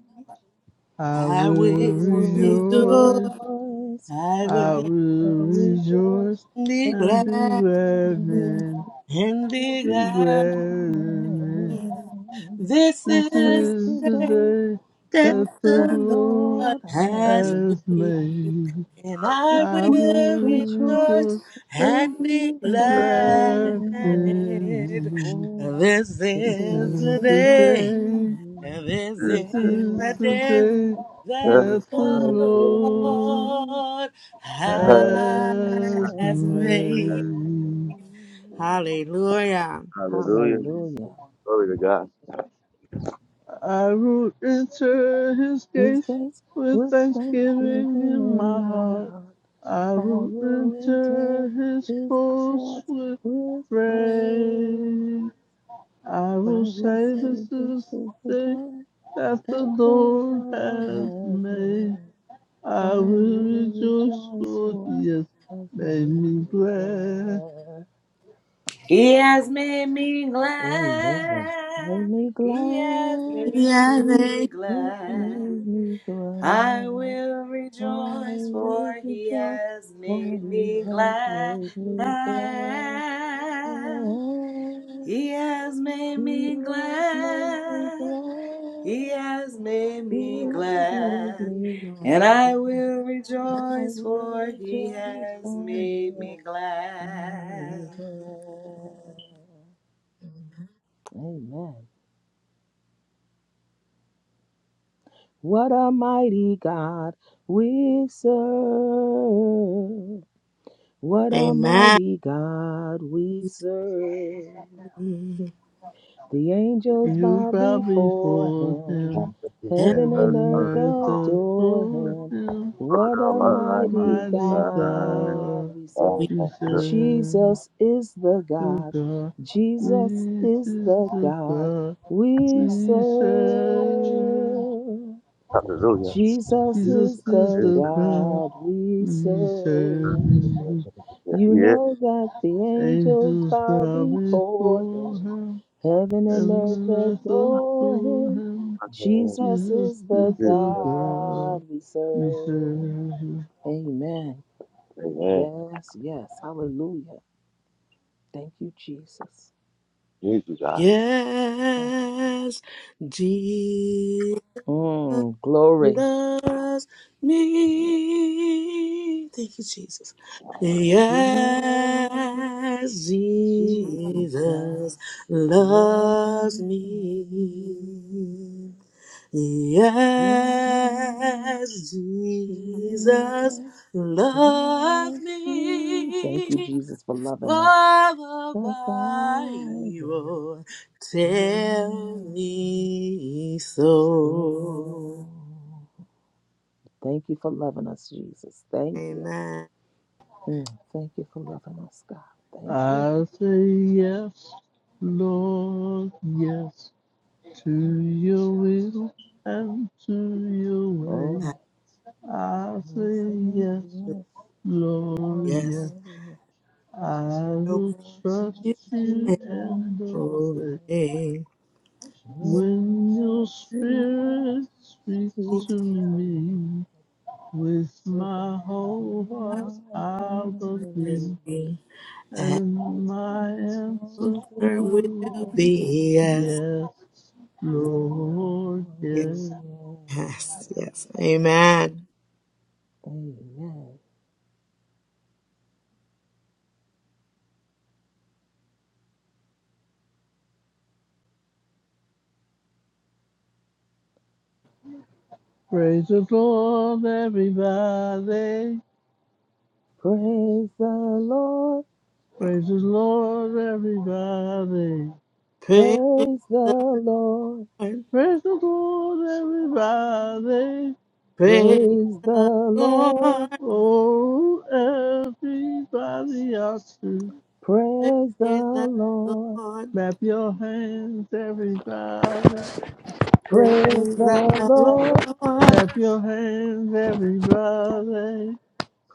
Speaker 3: I
Speaker 8: I
Speaker 7: I
Speaker 3: will
Speaker 8: will
Speaker 7: will
Speaker 3: rejoice.
Speaker 8: rejoice.
Speaker 7: rejoice.
Speaker 8: I
Speaker 3: I
Speaker 8: will.
Speaker 7: I
Speaker 3: will
Speaker 7: will
Speaker 3: rejoice
Speaker 7: rejoice
Speaker 8: and Be
Speaker 7: and
Speaker 3: and
Speaker 7: be
Speaker 3: be
Speaker 8: glad
Speaker 7: glad
Speaker 3: glad
Speaker 7: in
Speaker 3: in,
Speaker 7: it.
Speaker 8: and
Speaker 7: And be
Speaker 8: be
Speaker 3: be
Speaker 8: glad.
Speaker 3: glad
Speaker 7: glad
Speaker 3: in it.
Speaker 7: in it.
Speaker 8: This
Speaker 3: This
Speaker 8: is
Speaker 7: Since
Speaker 3: is
Speaker 7: the
Speaker 3: the day
Speaker 7: day
Speaker 8: that
Speaker 3: that
Speaker 7: that
Speaker 3: the
Speaker 7: the
Speaker 8: the
Speaker 3: Lord
Speaker 8: Lord
Speaker 7: Lord has
Speaker 8: has
Speaker 7: made.
Speaker 3: has
Speaker 8: made,
Speaker 3: made.
Speaker 8: and I
Speaker 3: I
Speaker 7: We
Speaker 8: will
Speaker 3: will
Speaker 8: rejoice
Speaker 3: rejoice,
Speaker 7: rejoice and
Speaker 8: and be
Speaker 7: be
Speaker 3: be
Speaker 7: glad
Speaker 8: glad in
Speaker 3: glad
Speaker 7: in it.
Speaker 8: it.
Speaker 3: in
Speaker 8: And
Speaker 7: Oh,
Speaker 8: This
Speaker 3: it.
Speaker 7: this
Speaker 3: This
Speaker 8: is
Speaker 7: is
Speaker 8: the
Speaker 3: is
Speaker 7: the
Speaker 3: the
Speaker 7: day.
Speaker 8: day,
Speaker 3: day,
Speaker 8: and this
Speaker 3: this
Speaker 7: This
Speaker 8: is
Speaker 3: is
Speaker 8: the
Speaker 7: is the
Speaker 3: the
Speaker 8: day
Speaker 7: day
Speaker 3: day
Speaker 8: that
Speaker 7: that
Speaker 3: that the
Speaker 7: the
Speaker 8: the
Speaker 7: Lord
Speaker 3: Lord
Speaker 8: Lord
Speaker 3: has
Speaker 7: has
Speaker 8: has made.
Speaker 7: made.
Speaker 3: made.
Speaker 8: Hallelujah.
Speaker 7: Hallelujah.
Speaker 1: Glory to God.
Speaker 3: I will enter his
Speaker 7: His
Speaker 3: gates
Speaker 7: gates
Speaker 3: with
Speaker 7: with thanksgiving
Speaker 3: thanksgiving in
Speaker 7: in
Speaker 3: my
Speaker 7: my
Speaker 3: heart.
Speaker 7: heart.
Speaker 3: I
Speaker 7: I
Speaker 3: will
Speaker 7: will enter
Speaker 3: enter his
Speaker 7: his
Speaker 3: courts
Speaker 7: courts
Speaker 3: with
Speaker 7: with praise.
Speaker 3: praise. I
Speaker 7: I
Speaker 3: will
Speaker 7: will
Speaker 3: say
Speaker 7: say
Speaker 3: this
Speaker 7: this is
Speaker 3: is
Speaker 7: the
Speaker 3: the day
Speaker 7: day
Speaker 3: that the
Speaker 7: that the
Speaker 3: Lord
Speaker 7: Lord
Speaker 3: has
Speaker 7: has
Speaker 3: made.
Speaker 7: made.
Speaker 3: I
Speaker 7: I
Speaker 3: will
Speaker 7: will
Speaker 3: rejoice
Speaker 7: rejoice
Speaker 3: for
Speaker 7: for
Speaker 3: he has
Speaker 7: He has
Speaker 3: made
Speaker 7: made
Speaker 3: me
Speaker 7: me
Speaker 3: glad.
Speaker 7: glad.
Speaker 6: He has made me
Speaker 7: Amen. Made
Speaker 6: glad.
Speaker 7: me
Speaker 6: He has
Speaker 7: glad.
Speaker 6: made
Speaker 8: Yeah,
Speaker 6: me
Speaker 8: Amen.
Speaker 7: Yes,
Speaker 6: glad.
Speaker 7: made me
Speaker 6: I
Speaker 7: glad.
Speaker 6: will
Speaker 7: I
Speaker 6: rejoice,
Speaker 7: will
Speaker 6: for he
Speaker 7: rejoice
Speaker 6: has
Speaker 7: for
Speaker 6: made
Speaker 7: he
Speaker 6: me
Speaker 7: has
Speaker 6: glad.
Speaker 7: made me glad. He has
Speaker 6: He has made me
Speaker 7: made me
Speaker 6: glad. He
Speaker 7: glad.
Speaker 6: has made
Speaker 7: He
Speaker 6: me
Speaker 7: has made
Speaker 6: glad.
Speaker 7: me
Speaker 6: And I
Speaker 7: glad.
Speaker 6: will
Speaker 7: I
Speaker 6: rejoice,
Speaker 7: will
Speaker 6: for
Speaker 7: rejoice
Speaker 6: he
Speaker 7: for he has
Speaker 6: has
Speaker 7: done me
Speaker 6: made me
Speaker 7: well.
Speaker 6: glad.
Speaker 7: Amen. What a mighty God we serve. What a
Speaker 8: Amen.
Speaker 7: mighty God we serve.
Speaker 8: And
Speaker 7: The angels
Speaker 3: You
Speaker 7: bow
Speaker 3: bow
Speaker 7: before
Speaker 3: before
Speaker 7: him,
Speaker 3: him,
Speaker 7: heaven
Speaker 3: heaven
Speaker 7: and
Speaker 3: and
Speaker 7: earth
Speaker 3: earth
Speaker 7: adore
Speaker 3: adore
Speaker 7: him.
Speaker 3: him.
Speaker 7: What
Speaker 3: What
Speaker 7: a
Speaker 3: a
Speaker 7: mighty
Speaker 3: mighty
Speaker 7: God
Speaker 3: God,
Speaker 7: we serve.
Speaker 8: we,
Speaker 3: Jesus,
Speaker 7: Jesus is the
Speaker 3: the
Speaker 7: God.
Speaker 3: God,
Speaker 7: Jesus is
Speaker 3: Jesus,
Speaker 7: the
Speaker 3: the
Speaker 7: God
Speaker 3: God,
Speaker 7: we serve.
Speaker 3: we serve.
Speaker 1: Hallelujah. Yes,
Speaker 7: Jesus is
Speaker 3: Jesus is
Speaker 7: the
Speaker 3: the God,
Speaker 7: God we
Speaker 3: we
Speaker 7: serve.
Speaker 3: serve.
Speaker 7: You
Speaker 1: He
Speaker 7: know that the angels
Speaker 3: Angels
Speaker 7: bow
Speaker 3: bow
Speaker 7: before
Speaker 3: before
Speaker 7: him,
Speaker 3: him,
Speaker 7: heaven and
Speaker 3: heaven
Speaker 7: earth
Speaker 3: and earth
Speaker 7: adore
Speaker 3: adore
Speaker 7: him.
Speaker 3: him.
Speaker 1: is.
Speaker 7: Jesus
Speaker 3: Jesus
Speaker 7: is
Speaker 3: is
Speaker 7: the
Speaker 3: the God,
Speaker 7: God we
Speaker 3: we
Speaker 7: serve.
Speaker 3: serve.
Speaker 7: Amen.
Speaker 1: Amen.
Speaker 7: Yes, yes. Hallelujah. Thank you, Jesus.
Speaker 1: Thank you, God.
Speaker 7: Thank you.
Speaker 8: yes, Jesus,
Speaker 7: Mm, glory.
Speaker 8: me. Thank you, Jesus.
Speaker 7: Yes,
Speaker 8: Yes, Jesus
Speaker 7: Jesus. Love
Speaker 8: loves
Speaker 7: me.
Speaker 8: me.
Speaker 7: Yes,
Speaker 8: Yes, Jesus
Speaker 7: Jesus.
Speaker 8: loves
Speaker 7: Love me. Thank
Speaker 8: me.
Speaker 7: you, Jesus, for loving us.
Speaker 8: Why, why,
Speaker 7: The Bible
Speaker 8: Babayo,
Speaker 7: tells
Speaker 8: tell me so.
Speaker 7: so. Thank you for loving us, Jesus. Thank you.
Speaker 8: Amen.
Speaker 7: Mm, Thank you for loving us, God. Thank you.
Speaker 3: I say yes, Lord, yes. To your will and to your
Speaker 7: Oh,
Speaker 3: way, I
Speaker 7: now
Speaker 3: say
Speaker 7: say
Speaker 3: yes,
Speaker 7: yes,
Speaker 3: Lord, yes.
Speaker 8: Yes,
Speaker 7: Lord, if I
Speaker 3: I
Speaker 8: no
Speaker 3: will
Speaker 7: will
Speaker 3: trust
Speaker 8: fear
Speaker 7: trust you
Speaker 3: you
Speaker 8: and
Speaker 7: and
Speaker 3: and
Speaker 7: obey.
Speaker 3: obey.
Speaker 8: obey.
Speaker 3: When your
Speaker 7: Yes, spirit,
Speaker 3: spirit speaks
Speaker 7: speak
Speaker 3: to
Speaker 8: It's
Speaker 7: to me.
Speaker 3: me, with
Speaker 7: Amen.
Speaker 3: my whole
Speaker 8: time
Speaker 3: heart I will
Speaker 8: to
Speaker 3: be,
Speaker 8: be.
Speaker 3: and my
Speaker 8: And
Speaker 3: answer
Speaker 8: there will
Speaker 3: will be
Speaker 8: be yes,
Speaker 3: yes, Lord,
Speaker 8: yes,
Speaker 3: yes.
Speaker 8: yes. Amen.
Speaker 3: Praise the Lord, everybody.
Speaker 7: Praise the Lord.
Speaker 3: Praise the Lord, everybody.
Speaker 8: Praise,
Speaker 7: Praise the Lord.
Speaker 3: Praise the Lord, everybody.
Speaker 8: praise
Speaker 7: Praise the
Speaker 8: the
Speaker 7: Lord.
Speaker 8: Lord,
Speaker 3: Oh, everybody ought to
Speaker 7: Praise the
Speaker 8: praise the
Speaker 7: Lord.
Speaker 8: Lord.
Speaker 3: clap your hands, everybody.
Speaker 8: Praise
Speaker 7: Praise the Lord. Praise the
Speaker 8: the Lord,
Speaker 7: Lord.
Speaker 3: Clap your hands, everybody.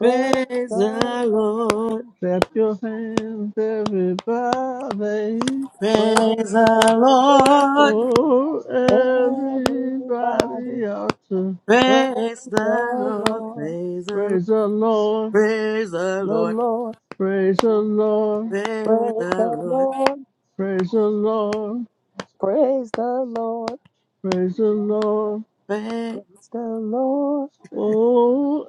Speaker 8: praise the Lord,
Speaker 3: Clap your hands, everybody.
Speaker 8: praise the
Speaker 7: the Lord.
Speaker 8: Lord,
Speaker 3: Oh,
Speaker 7: Everybody
Speaker 3: everybody ought to
Speaker 7: Praise
Speaker 8: praise the
Speaker 7: the
Speaker 8: Lord,
Speaker 7: Lord,
Speaker 8: praise the Lord,
Speaker 3: praise the Lord.
Speaker 8: praise the
Speaker 7: the
Speaker 8: Lord,
Speaker 7: Lord,
Speaker 3: Praise the Lord,
Speaker 8: praise
Speaker 7: praise
Speaker 8: the
Speaker 7: the
Speaker 8: Lord,
Speaker 7: Lord,
Speaker 3: praise the Lord,
Speaker 7: praise the Lord,
Speaker 3: praise the Lord.
Speaker 8: praise
Speaker 7: praise the Lord,
Speaker 3: Oh,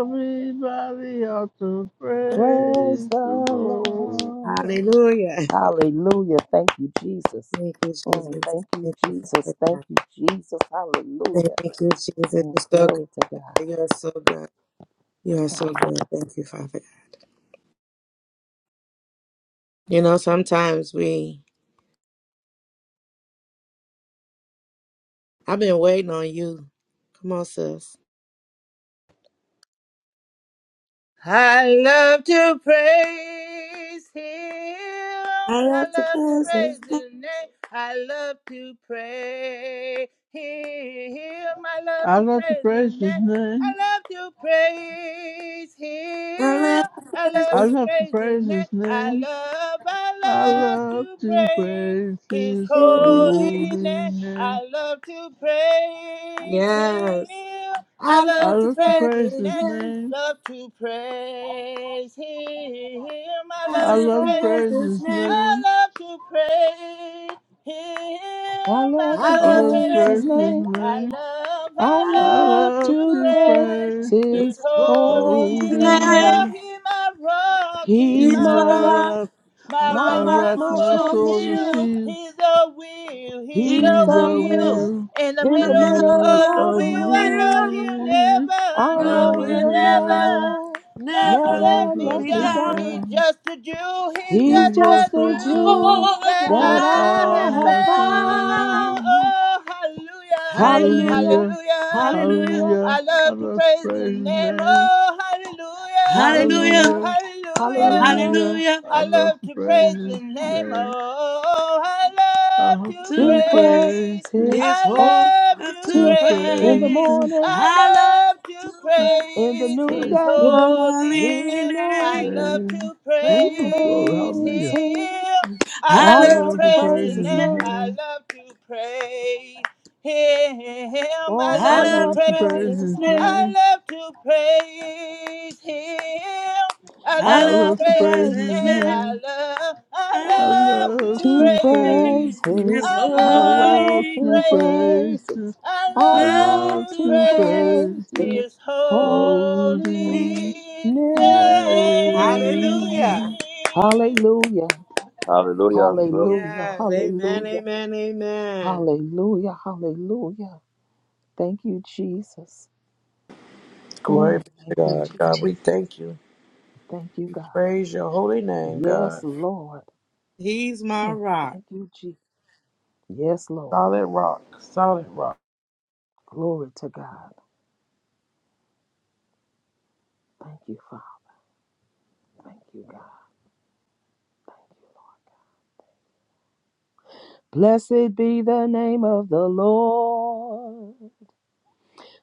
Speaker 3: everybody ought to praise
Speaker 7: praise
Speaker 3: the
Speaker 7: the
Speaker 3: Lord.
Speaker 7: Lord.
Speaker 8: Hallelujah.
Speaker 7: Hallelujah. Thank you, Jesus.
Speaker 8: Thank you,
Speaker 7: Mm,
Speaker 8: Jesus.
Speaker 7: thank you,
Speaker 8: Thank you, Father
Speaker 7: Jesus. Thank
Speaker 8: God.
Speaker 7: you, Jesus.
Speaker 8: Thank
Speaker 7: Hallelujah.
Speaker 8: you, Jesus.
Speaker 7: Mm,
Speaker 8: You're so good.
Speaker 7: glory to
Speaker 8: You are so good. You are
Speaker 7: God.
Speaker 8: so good. Thank you, Father God. You know, sometimes we I've been waiting on you. Come on, sis.
Speaker 4: I love to praise him.
Speaker 8: I
Speaker 4: I
Speaker 8: love to
Speaker 4: love to
Speaker 8: praise
Speaker 4: praise
Speaker 8: him.
Speaker 4: his name. I love to praise him. I love
Speaker 3: I
Speaker 4: to
Speaker 3: love to
Speaker 4: praise his
Speaker 3: praise
Speaker 4: name.
Speaker 3: His name.
Speaker 4: I love to praise
Speaker 8: I
Speaker 4: him.
Speaker 8: love the
Speaker 4: I love
Speaker 3: I
Speaker 4: to
Speaker 8: presence
Speaker 3: love to
Speaker 4: praise his
Speaker 3: praise
Speaker 4: name.
Speaker 3: His
Speaker 4: I
Speaker 3: name.
Speaker 4: love, I
Speaker 3: I
Speaker 4: love
Speaker 3: love
Speaker 4: to
Speaker 3: to
Speaker 4: praise
Speaker 3: praise
Speaker 4: his
Speaker 3: His
Speaker 8: of the
Speaker 4: holy
Speaker 3: holy
Speaker 8: enemy.
Speaker 4: name.
Speaker 3: name.
Speaker 4: I love to praise
Speaker 8: Yes.
Speaker 4: him. I
Speaker 8: I
Speaker 4: love
Speaker 3: I
Speaker 8: love
Speaker 4: to
Speaker 8: the
Speaker 3: love to
Speaker 4: praise his
Speaker 3: praise
Speaker 8: presence
Speaker 4: name
Speaker 3: His
Speaker 8: name.
Speaker 3: name.
Speaker 4: love to praise him. I
Speaker 8: I
Speaker 7: Praise
Speaker 3: I
Speaker 4: love
Speaker 7: his
Speaker 4: to
Speaker 8: love
Speaker 3: love
Speaker 8: the
Speaker 3: to
Speaker 7: name.
Speaker 4: praise him.
Speaker 3: praise
Speaker 8: presence
Speaker 3: His
Speaker 8: name.
Speaker 4: I
Speaker 3: name.
Speaker 4: love to praise
Speaker 7: I
Speaker 4: him. I
Speaker 7: love to
Speaker 8: I
Speaker 3: I
Speaker 4: love to
Speaker 8: love
Speaker 3: love
Speaker 8: the
Speaker 3: to
Speaker 4: praise
Speaker 7: praise
Speaker 8: presence
Speaker 7: his
Speaker 4: his
Speaker 3: praise His
Speaker 4: name.
Speaker 7: name.
Speaker 8: name.
Speaker 4: I
Speaker 3: name.
Speaker 4: love,
Speaker 7: I
Speaker 4: I
Speaker 8: I
Speaker 3: I
Speaker 8: love
Speaker 4: love
Speaker 7: love
Speaker 4: to
Speaker 3: love
Speaker 7: to
Speaker 8: the
Speaker 3: to
Speaker 7: praise
Speaker 4: praise
Speaker 8: presence
Speaker 3: praise His
Speaker 7: his
Speaker 4: his
Speaker 7: holy
Speaker 4: holy
Speaker 8: holy
Speaker 4: name.
Speaker 3: holy
Speaker 7: name.
Speaker 8: name.
Speaker 4: For
Speaker 3: name.
Speaker 4: he's my rock, he's
Speaker 7: He's
Speaker 3: He's
Speaker 8: He's
Speaker 4: my
Speaker 8: my
Speaker 7: my
Speaker 3: my
Speaker 4: rock.
Speaker 7: rock.
Speaker 8: rock,
Speaker 3: rock,
Speaker 4: My
Speaker 7: My
Speaker 8: my
Speaker 3: my
Speaker 4: rock,
Speaker 7: rock,
Speaker 8: rock,
Speaker 4: my
Speaker 3: rock,
Speaker 8: my
Speaker 7: my
Speaker 3: my
Speaker 4: sword and
Speaker 7: sword,
Speaker 8: shoulder
Speaker 7: my
Speaker 3: soul, and
Speaker 4: shield.
Speaker 8: shield.
Speaker 7: shield,
Speaker 3: she's,
Speaker 4: He's a wheel, he's
Speaker 8: He's
Speaker 7: he's
Speaker 3: he's
Speaker 4: a
Speaker 7: a
Speaker 8: the
Speaker 3: a
Speaker 4: wheel.
Speaker 8: will
Speaker 7: will
Speaker 3: wheel
Speaker 4: In the
Speaker 8: in
Speaker 7: in
Speaker 8: the
Speaker 7: the
Speaker 3: in the
Speaker 4: middle
Speaker 8: middle of
Speaker 7: middle
Speaker 3: middle
Speaker 4: of the
Speaker 8: the
Speaker 7: of
Speaker 3: of
Speaker 7: a
Speaker 3: the
Speaker 4: wheel, I
Speaker 7: will.
Speaker 4: know
Speaker 8: will.
Speaker 4: he'll
Speaker 3: wheel.
Speaker 4: never, I
Speaker 7: I
Speaker 3: I
Speaker 4: know
Speaker 8: No,
Speaker 7: know
Speaker 3: know
Speaker 8: we'll
Speaker 4: he'll
Speaker 7: he'll
Speaker 3: he'll
Speaker 8: never,
Speaker 3: never,
Speaker 4: never,
Speaker 7: never,
Speaker 4: never
Speaker 8: never
Speaker 3: never
Speaker 4: let
Speaker 7: never
Speaker 4: me
Speaker 7: let
Speaker 3: let
Speaker 8: be
Speaker 7: me
Speaker 3: me
Speaker 4: down.
Speaker 8: down.
Speaker 7: down.
Speaker 4: He's
Speaker 3: down.
Speaker 4: just a Jew, he's
Speaker 8: This
Speaker 7: He's
Speaker 4: just
Speaker 3: He's
Speaker 4: a
Speaker 8: has
Speaker 7: just
Speaker 3: just
Speaker 7: a
Speaker 3: a
Speaker 8: come
Speaker 4: Jew
Speaker 3: jewel
Speaker 7: jewel
Speaker 8: all that
Speaker 4: that
Speaker 7: that
Speaker 3: that
Speaker 8: I
Speaker 4: I
Speaker 7: I
Speaker 4: have
Speaker 3: I
Speaker 8: have
Speaker 7: have
Speaker 3: have
Speaker 4: found.
Speaker 8: found.
Speaker 7: found.
Speaker 3: found.
Speaker 4: Oh, hallelujah,
Speaker 8: Hallelujah,
Speaker 7: Hallelujah,
Speaker 3: Hallelujah,
Speaker 4: hallelujah.
Speaker 8: hallelujah,
Speaker 7: hallelujah,
Speaker 3: hallelujah,
Speaker 4: I
Speaker 3: I
Speaker 4: love to
Speaker 3: love to
Speaker 4: praise his
Speaker 3: praise his
Speaker 4: name.
Speaker 3: name.
Speaker 4: Oh, hallelujah,
Speaker 8: hallelujah,
Speaker 7: hallelujah,
Speaker 3: Hallelujah.
Speaker 4: hallelujah.
Speaker 7: hallelujah.
Speaker 3: Hallelujah.
Speaker 8: hallelujah.
Speaker 3: I
Speaker 4: I
Speaker 3: love
Speaker 4: love
Speaker 3: to
Speaker 4: to
Speaker 3: praise
Speaker 4: praise
Speaker 3: his
Speaker 4: his name.
Speaker 3: name.
Speaker 4: Oh, I
Speaker 3: I
Speaker 4: love
Speaker 3: have
Speaker 4: to
Speaker 8: To
Speaker 7: He
Speaker 3: to
Speaker 7: praise
Speaker 8: praise
Speaker 3: praise
Speaker 4: praise.
Speaker 3: him,
Speaker 7: his
Speaker 8: his
Speaker 4: I
Speaker 7: holy
Speaker 8: holy,
Speaker 4: love to
Speaker 8: to
Speaker 3: to
Speaker 7: in the
Speaker 3: praise
Speaker 4: praise.
Speaker 8: praise.
Speaker 3: him,
Speaker 7: morning,
Speaker 4: I
Speaker 8: I
Speaker 4: love
Speaker 8: love to
Speaker 4: to
Speaker 3: to
Speaker 7: in the
Speaker 8: praise
Speaker 4: praise
Speaker 3: praise
Speaker 4: his
Speaker 7: noonday,
Speaker 3: his
Speaker 4: holy
Speaker 8: holy
Speaker 4: name. I
Speaker 8: name.
Speaker 7: leaning.
Speaker 4: love
Speaker 3: name.
Speaker 4: to
Speaker 3: Woo,
Speaker 8: Praise.
Speaker 3: glory,
Speaker 4: praise
Speaker 7: Praise
Speaker 3: hallelujah.
Speaker 7: him.
Speaker 4: him. I
Speaker 8: I
Speaker 3: I
Speaker 7: I
Speaker 4: love
Speaker 8: love
Speaker 4: to
Speaker 7: love
Speaker 8: to
Speaker 3: love
Speaker 7: to
Speaker 3: to
Speaker 4: praise
Speaker 8: praise
Speaker 3: praise
Speaker 4: his
Speaker 7: praise
Speaker 8: his
Speaker 7: his
Speaker 3: his
Speaker 4: name.
Speaker 7: name.
Speaker 8: name.
Speaker 4: I
Speaker 3: name.
Speaker 4: love to praise him. I
Speaker 7: Oh,
Speaker 8: I
Speaker 3: I
Speaker 7: I
Speaker 4: love to
Speaker 8: love
Speaker 7: love
Speaker 8: to
Speaker 3: love
Speaker 7: to
Speaker 3: to
Speaker 4: praise
Speaker 8: praise
Speaker 3: praise
Speaker 4: him.
Speaker 7: praise
Speaker 8: his
Speaker 7: his
Speaker 3: his
Speaker 8: name.
Speaker 7: name.
Speaker 4: I
Speaker 3: name.
Speaker 4: love to praise him. I
Speaker 7: I
Speaker 8: I
Speaker 3: I
Speaker 4: love to
Speaker 8: love
Speaker 7: love
Speaker 3: love
Speaker 8: to
Speaker 3: to
Speaker 7: to
Speaker 4: praise
Speaker 8: praise
Speaker 3: praise
Speaker 4: his
Speaker 7: praise his
Speaker 8: his
Speaker 3: his
Speaker 4: name.
Speaker 7: name.
Speaker 8: name.
Speaker 4: I
Speaker 3: name.
Speaker 4: love, I
Speaker 3: I
Speaker 8: I love
Speaker 4: love
Speaker 3: love
Speaker 4: to
Speaker 8: to
Speaker 7: To
Speaker 3: to praise
Speaker 4: praise.
Speaker 7: praise
Speaker 8: praise
Speaker 3: his
Speaker 8: His
Speaker 7: his.
Speaker 4: I
Speaker 7: I
Speaker 3: I
Speaker 4: love to
Speaker 7: love
Speaker 3: love
Speaker 8: holy.
Speaker 3: to
Speaker 7: to
Speaker 3: praise
Speaker 4: praise.
Speaker 7: praise
Speaker 3: his
Speaker 7: his.
Speaker 4: I
Speaker 7: I
Speaker 3: I
Speaker 4: love
Speaker 8: Love
Speaker 7: love
Speaker 3: love
Speaker 4: to
Speaker 8: to
Speaker 7: to
Speaker 3: to
Speaker 4: praise
Speaker 8: praise
Speaker 3: praise
Speaker 7: praise
Speaker 3: his
Speaker 7: his
Speaker 4: his holy
Speaker 7: holy
Speaker 3: holy.
Speaker 8: Him.
Speaker 7: name.
Speaker 8: Hallelujah.
Speaker 3: name
Speaker 4: name.
Speaker 7: Hallelujah.
Speaker 1: Hallelujah. Glory to
Speaker 7: Hallelujah.
Speaker 8: Yes. Amen.
Speaker 7: Hallelujah.
Speaker 8: Amen. Amen.
Speaker 7: Hallelujah. Hallelujah. Thank you, Jesus.
Speaker 2: Glory
Speaker 7: Mm,
Speaker 2: be to
Speaker 7: thank you,
Speaker 2: God.
Speaker 7: Jesus.
Speaker 2: God, we thank you.
Speaker 7: Thank you,
Speaker 2: We
Speaker 7: God.
Speaker 2: praise your holy name,
Speaker 7: Yes,
Speaker 2: God.
Speaker 7: Lord.
Speaker 8: He's my
Speaker 7: Mm,
Speaker 8: rock.
Speaker 7: thank you, Jesus. Yes, Lord.
Speaker 2: Solid rock, solid rock.
Speaker 7: Glory to God. Thank you, Father. Thank you, God. Blessed be the name of the Lord.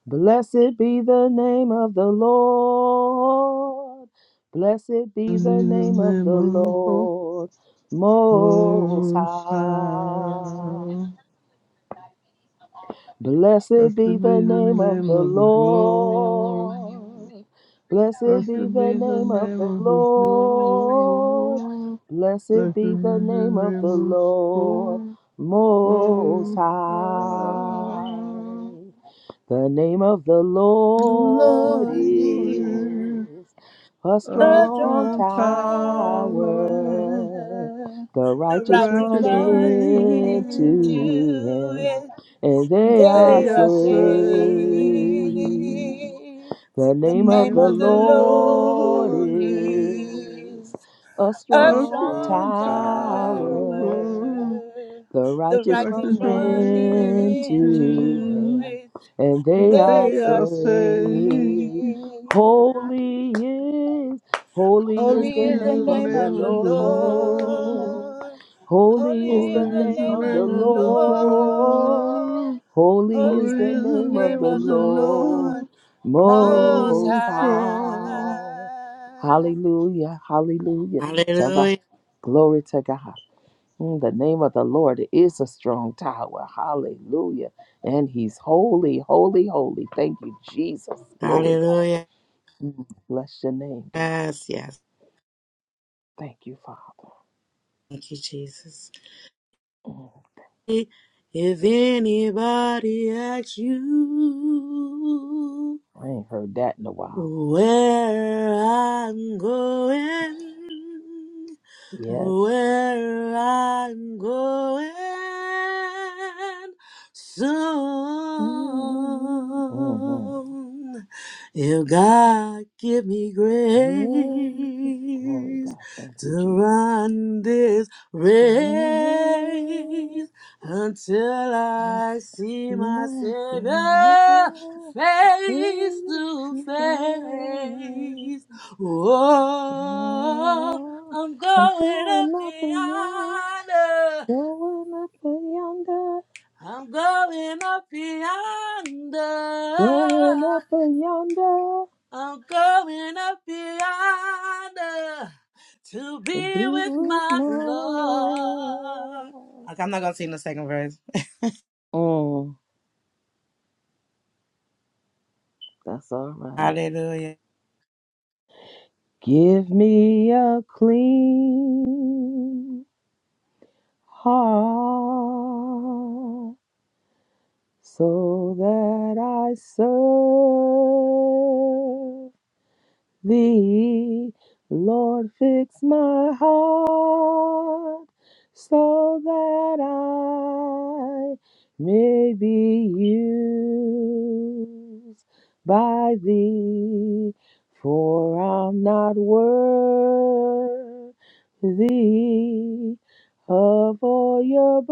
Speaker 7: Blessed be the name of the Lord. Blessed be
Speaker 3: is the
Speaker 7: the name of
Speaker 3: name
Speaker 7: the
Speaker 3: of the
Speaker 7: Lord. Most
Speaker 3: Most
Speaker 7: High.
Speaker 3: High.
Speaker 7: Blessed
Speaker 3: Blessed
Speaker 7: be
Speaker 3: be
Speaker 7: the
Speaker 3: the
Speaker 7: name of
Speaker 3: name
Speaker 7: the
Speaker 3: of the Lord.
Speaker 7: Lord. Blessed be
Speaker 3: Blessed
Speaker 7: the
Speaker 3: be the
Speaker 7: name of
Speaker 3: name
Speaker 7: the
Speaker 3: of the
Speaker 7: Lord.
Speaker 3: Lord.
Speaker 7: Blessed
Speaker 3: Blessed be the
Speaker 7: be the name of
Speaker 3: name
Speaker 7: the
Speaker 3: of
Speaker 7: Lord
Speaker 3: the
Speaker 7: Most
Speaker 3: Most High.
Speaker 7: High. The name of the Lord
Speaker 4: Lord
Speaker 3: Holy
Speaker 4: is
Speaker 3: is
Speaker 7: is a
Speaker 3: our
Speaker 4: a
Speaker 7: strong
Speaker 4: strong
Speaker 3: strong
Speaker 4: tower.
Speaker 3: tower.
Speaker 7: tower. The
Speaker 4: The
Speaker 7: righteous
Speaker 4: righteous
Speaker 7: run
Speaker 3: Righteous from
Speaker 4: run
Speaker 3: me,
Speaker 7: into
Speaker 4: into it
Speaker 7: him and they are
Speaker 3: they
Speaker 4: They
Speaker 7: saved.
Speaker 3: are
Speaker 4: are saved.
Speaker 3: saved.
Speaker 7: The
Speaker 4: The
Speaker 7: name of
Speaker 3: Name
Speaker 4: name
Speaker 7: the
Speaker 4: of
Speaker 3: of the
Speaker 4: the
Speaker 7: Lord
Speaker 3: Lord
Speaker 4: Lord
Speaker 3: is
Speaker 7: is
Speaker 4: is
Speaker 7: a
Speaker 4: a
Speaker 3: a
Speaker 7: strong
Speaker 4: strong
Speaker 3: strong
Speaker 7: tower.
Speaker 3: tower.
Speaker 4: tower.
Speaker 7: The
Speaker 4: The
Speaker 7: righteous
Speaker 4: righteous
Speaker 3: Righteous
Speaker 7: run
Speaker 3: from
Speaker 4: run
Speaker 3: me,
Speaker 7: into
Speaker 4: into
Speaker 3: too,
Speaker 7: him
Speaker 4: it.
Speaker 7: and they are
Speaker 3: they
Speaker 4: They are
Speaker 3: are saved.
Speaker 7: saved.
Speaker 4: saved.
Speaker 7: Holy is, holy is
Speaker 3: Holy
Speaker 4: Holy
Speaker 7: the
Speaker 4: is
Speaker 3: is
Speaker 4: the
Speaker 3: the
Speaker 7: name of
Speaker 4: name
Speaker 7: the
Speaker 4: of
Speaker 3: name
Speaker 4: the
Speaker 3: of the Lord.
Speaker 7: Lord.
Speaker 4: Lord.
Speaker 7: Holy is
Speaker 4: Holy
Speaker 7: the
Speaker 4: is
Speaker 3: Holy
Speaker 4: the
Speaker 3: is the
Speaker 7: name
Speaker 4: name
Speaker 7: of the
Speaker 4: of
Speaker 3: name
Speaker 4: the
Speaker 3: of the
Speaker 7: Lord.
Speaker 4: Lord.
Speaker 3: Lord.
Speaker 7: Holy is
Speaker 3: Holy
Speaker 7: the
Speaker 4: Holy is
Speaker 3: is
Speaker 4: the
Speaker 7: name
Speaker 3: the
Speaker 7: of
Speaker 3: name
Speaker 4: name
Speaker 7: the
Speaker 4: of
Speaker 3: of the
Speaker 4: the
Speaker 7: Lord.
Speaker 3: Lord.
Speaker 4: Lord Most
Speaker 7: Most
Speaker 3: Oh,
Speaker 4: High.
Speaker 3: oh,
Speaker 7: high. Hallelujah. Hallelujah. Salva-
Speaker 8: Hallelujah.
Speaker 7: Glory to God. Mm, The name of the Lord is a strong tower. Hallelujah. And he's holy, holy, holy. Thank you, Jesus. Glory, God.
Speaker 8: Hallelujah.
Speaker 7: Mm, Bless your name, God.
Speaker 8: Yes. Yes.
Speaker 7: Thank you, Father.
Speaker 8: Thank you, Jesus.
Speaker 7: Mm,
Speaker 8: If anybody asks you.
Speaker 7: I ain't heard that in a while.
Speaker 8: Where I'm going,
Speaker 7: Yes.
Speaker 8: where I'm going
Speaker 7: Mm-hmm.
Speaker 8: soon. If God give me
Speaker 7: Grace. Glory,
Speaker 8: grace
Speaker 7: God. Thank
Speaker 8: to
Speaker 7: you, Jesus.
Speaker 8: run this race until
Speaker 7: Grace,
Speaker 8: I see my
Speaker 7: mercy,
Speaker 8: Savior face to
Speaker 7: mercy, mercy,
Speaker 8: face. Oh,
Speaker 7: Oh,
Speaker 8: I'm
Speaker 7: I'm
Speaker 8: going up
Speaker 7: going up and yonder,
Speaker 8: yonder.
Speaker 7: going up and yonder,
Speaker 8: I'm going up yonder.
Speaker 7: going up and yonder
Speaker 8: I'm going up yonder to
Speaker 7: to
Speaker 8: be
Speaker 7: be
Speaker 8: with
Speaker 7: with
Speaker 8: my
Speaker 7: my
Speaker 8: Lord.
Speaker 7: Lord.
Speaker 8: Okay, I'm not gonna sing the second verse.
Speaker 7: Mm, that's all right.
Speaker 8: Hallelujah.
Speaker 7: Give me a clean heart so that I serve thee. Lord, fix my heart so that I may be used by thee, for I'm not worthy of all your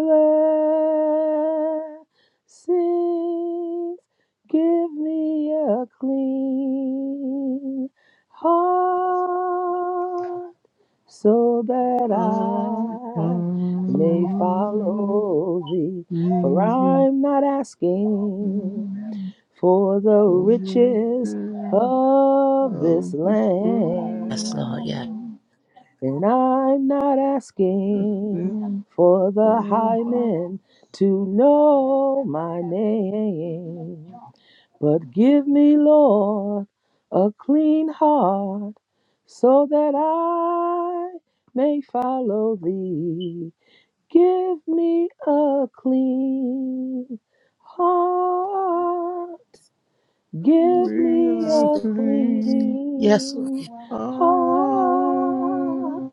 Speaker 7: blessings. Give me a clean heart so that
Speaker 3: oh,
Speaker 7: I may
Speaker 3: oh,
Speaker 7: follow thee.
Speaker 3: the
Speaker 7: For I'm not asking for the riches
Speaker 3: information
Speaker 7: of
Speaker 3: of
Speaker 7: this
Speaker 3: the
Speaker 8: Yes, Lord. Yes.
Speaker 7: land,
Speaker 3: spring,
Speaker 7: and I'm not
Speaker 3: a
Speaker 7: asking
Speaker 3: thing
Speaker 7: for the
Speaker 3: for a
Speaker 7: high
Speaker 3: hot
Speaker 7: men to know my name. But give me, Lord, a clean heart so that I may follow thee. Give me a clean heart. Give me a
Speaker 3: reality.
Speaker 8: Yes, Lord.
Speaker 7: clean heart.
Speaker 3: Oh,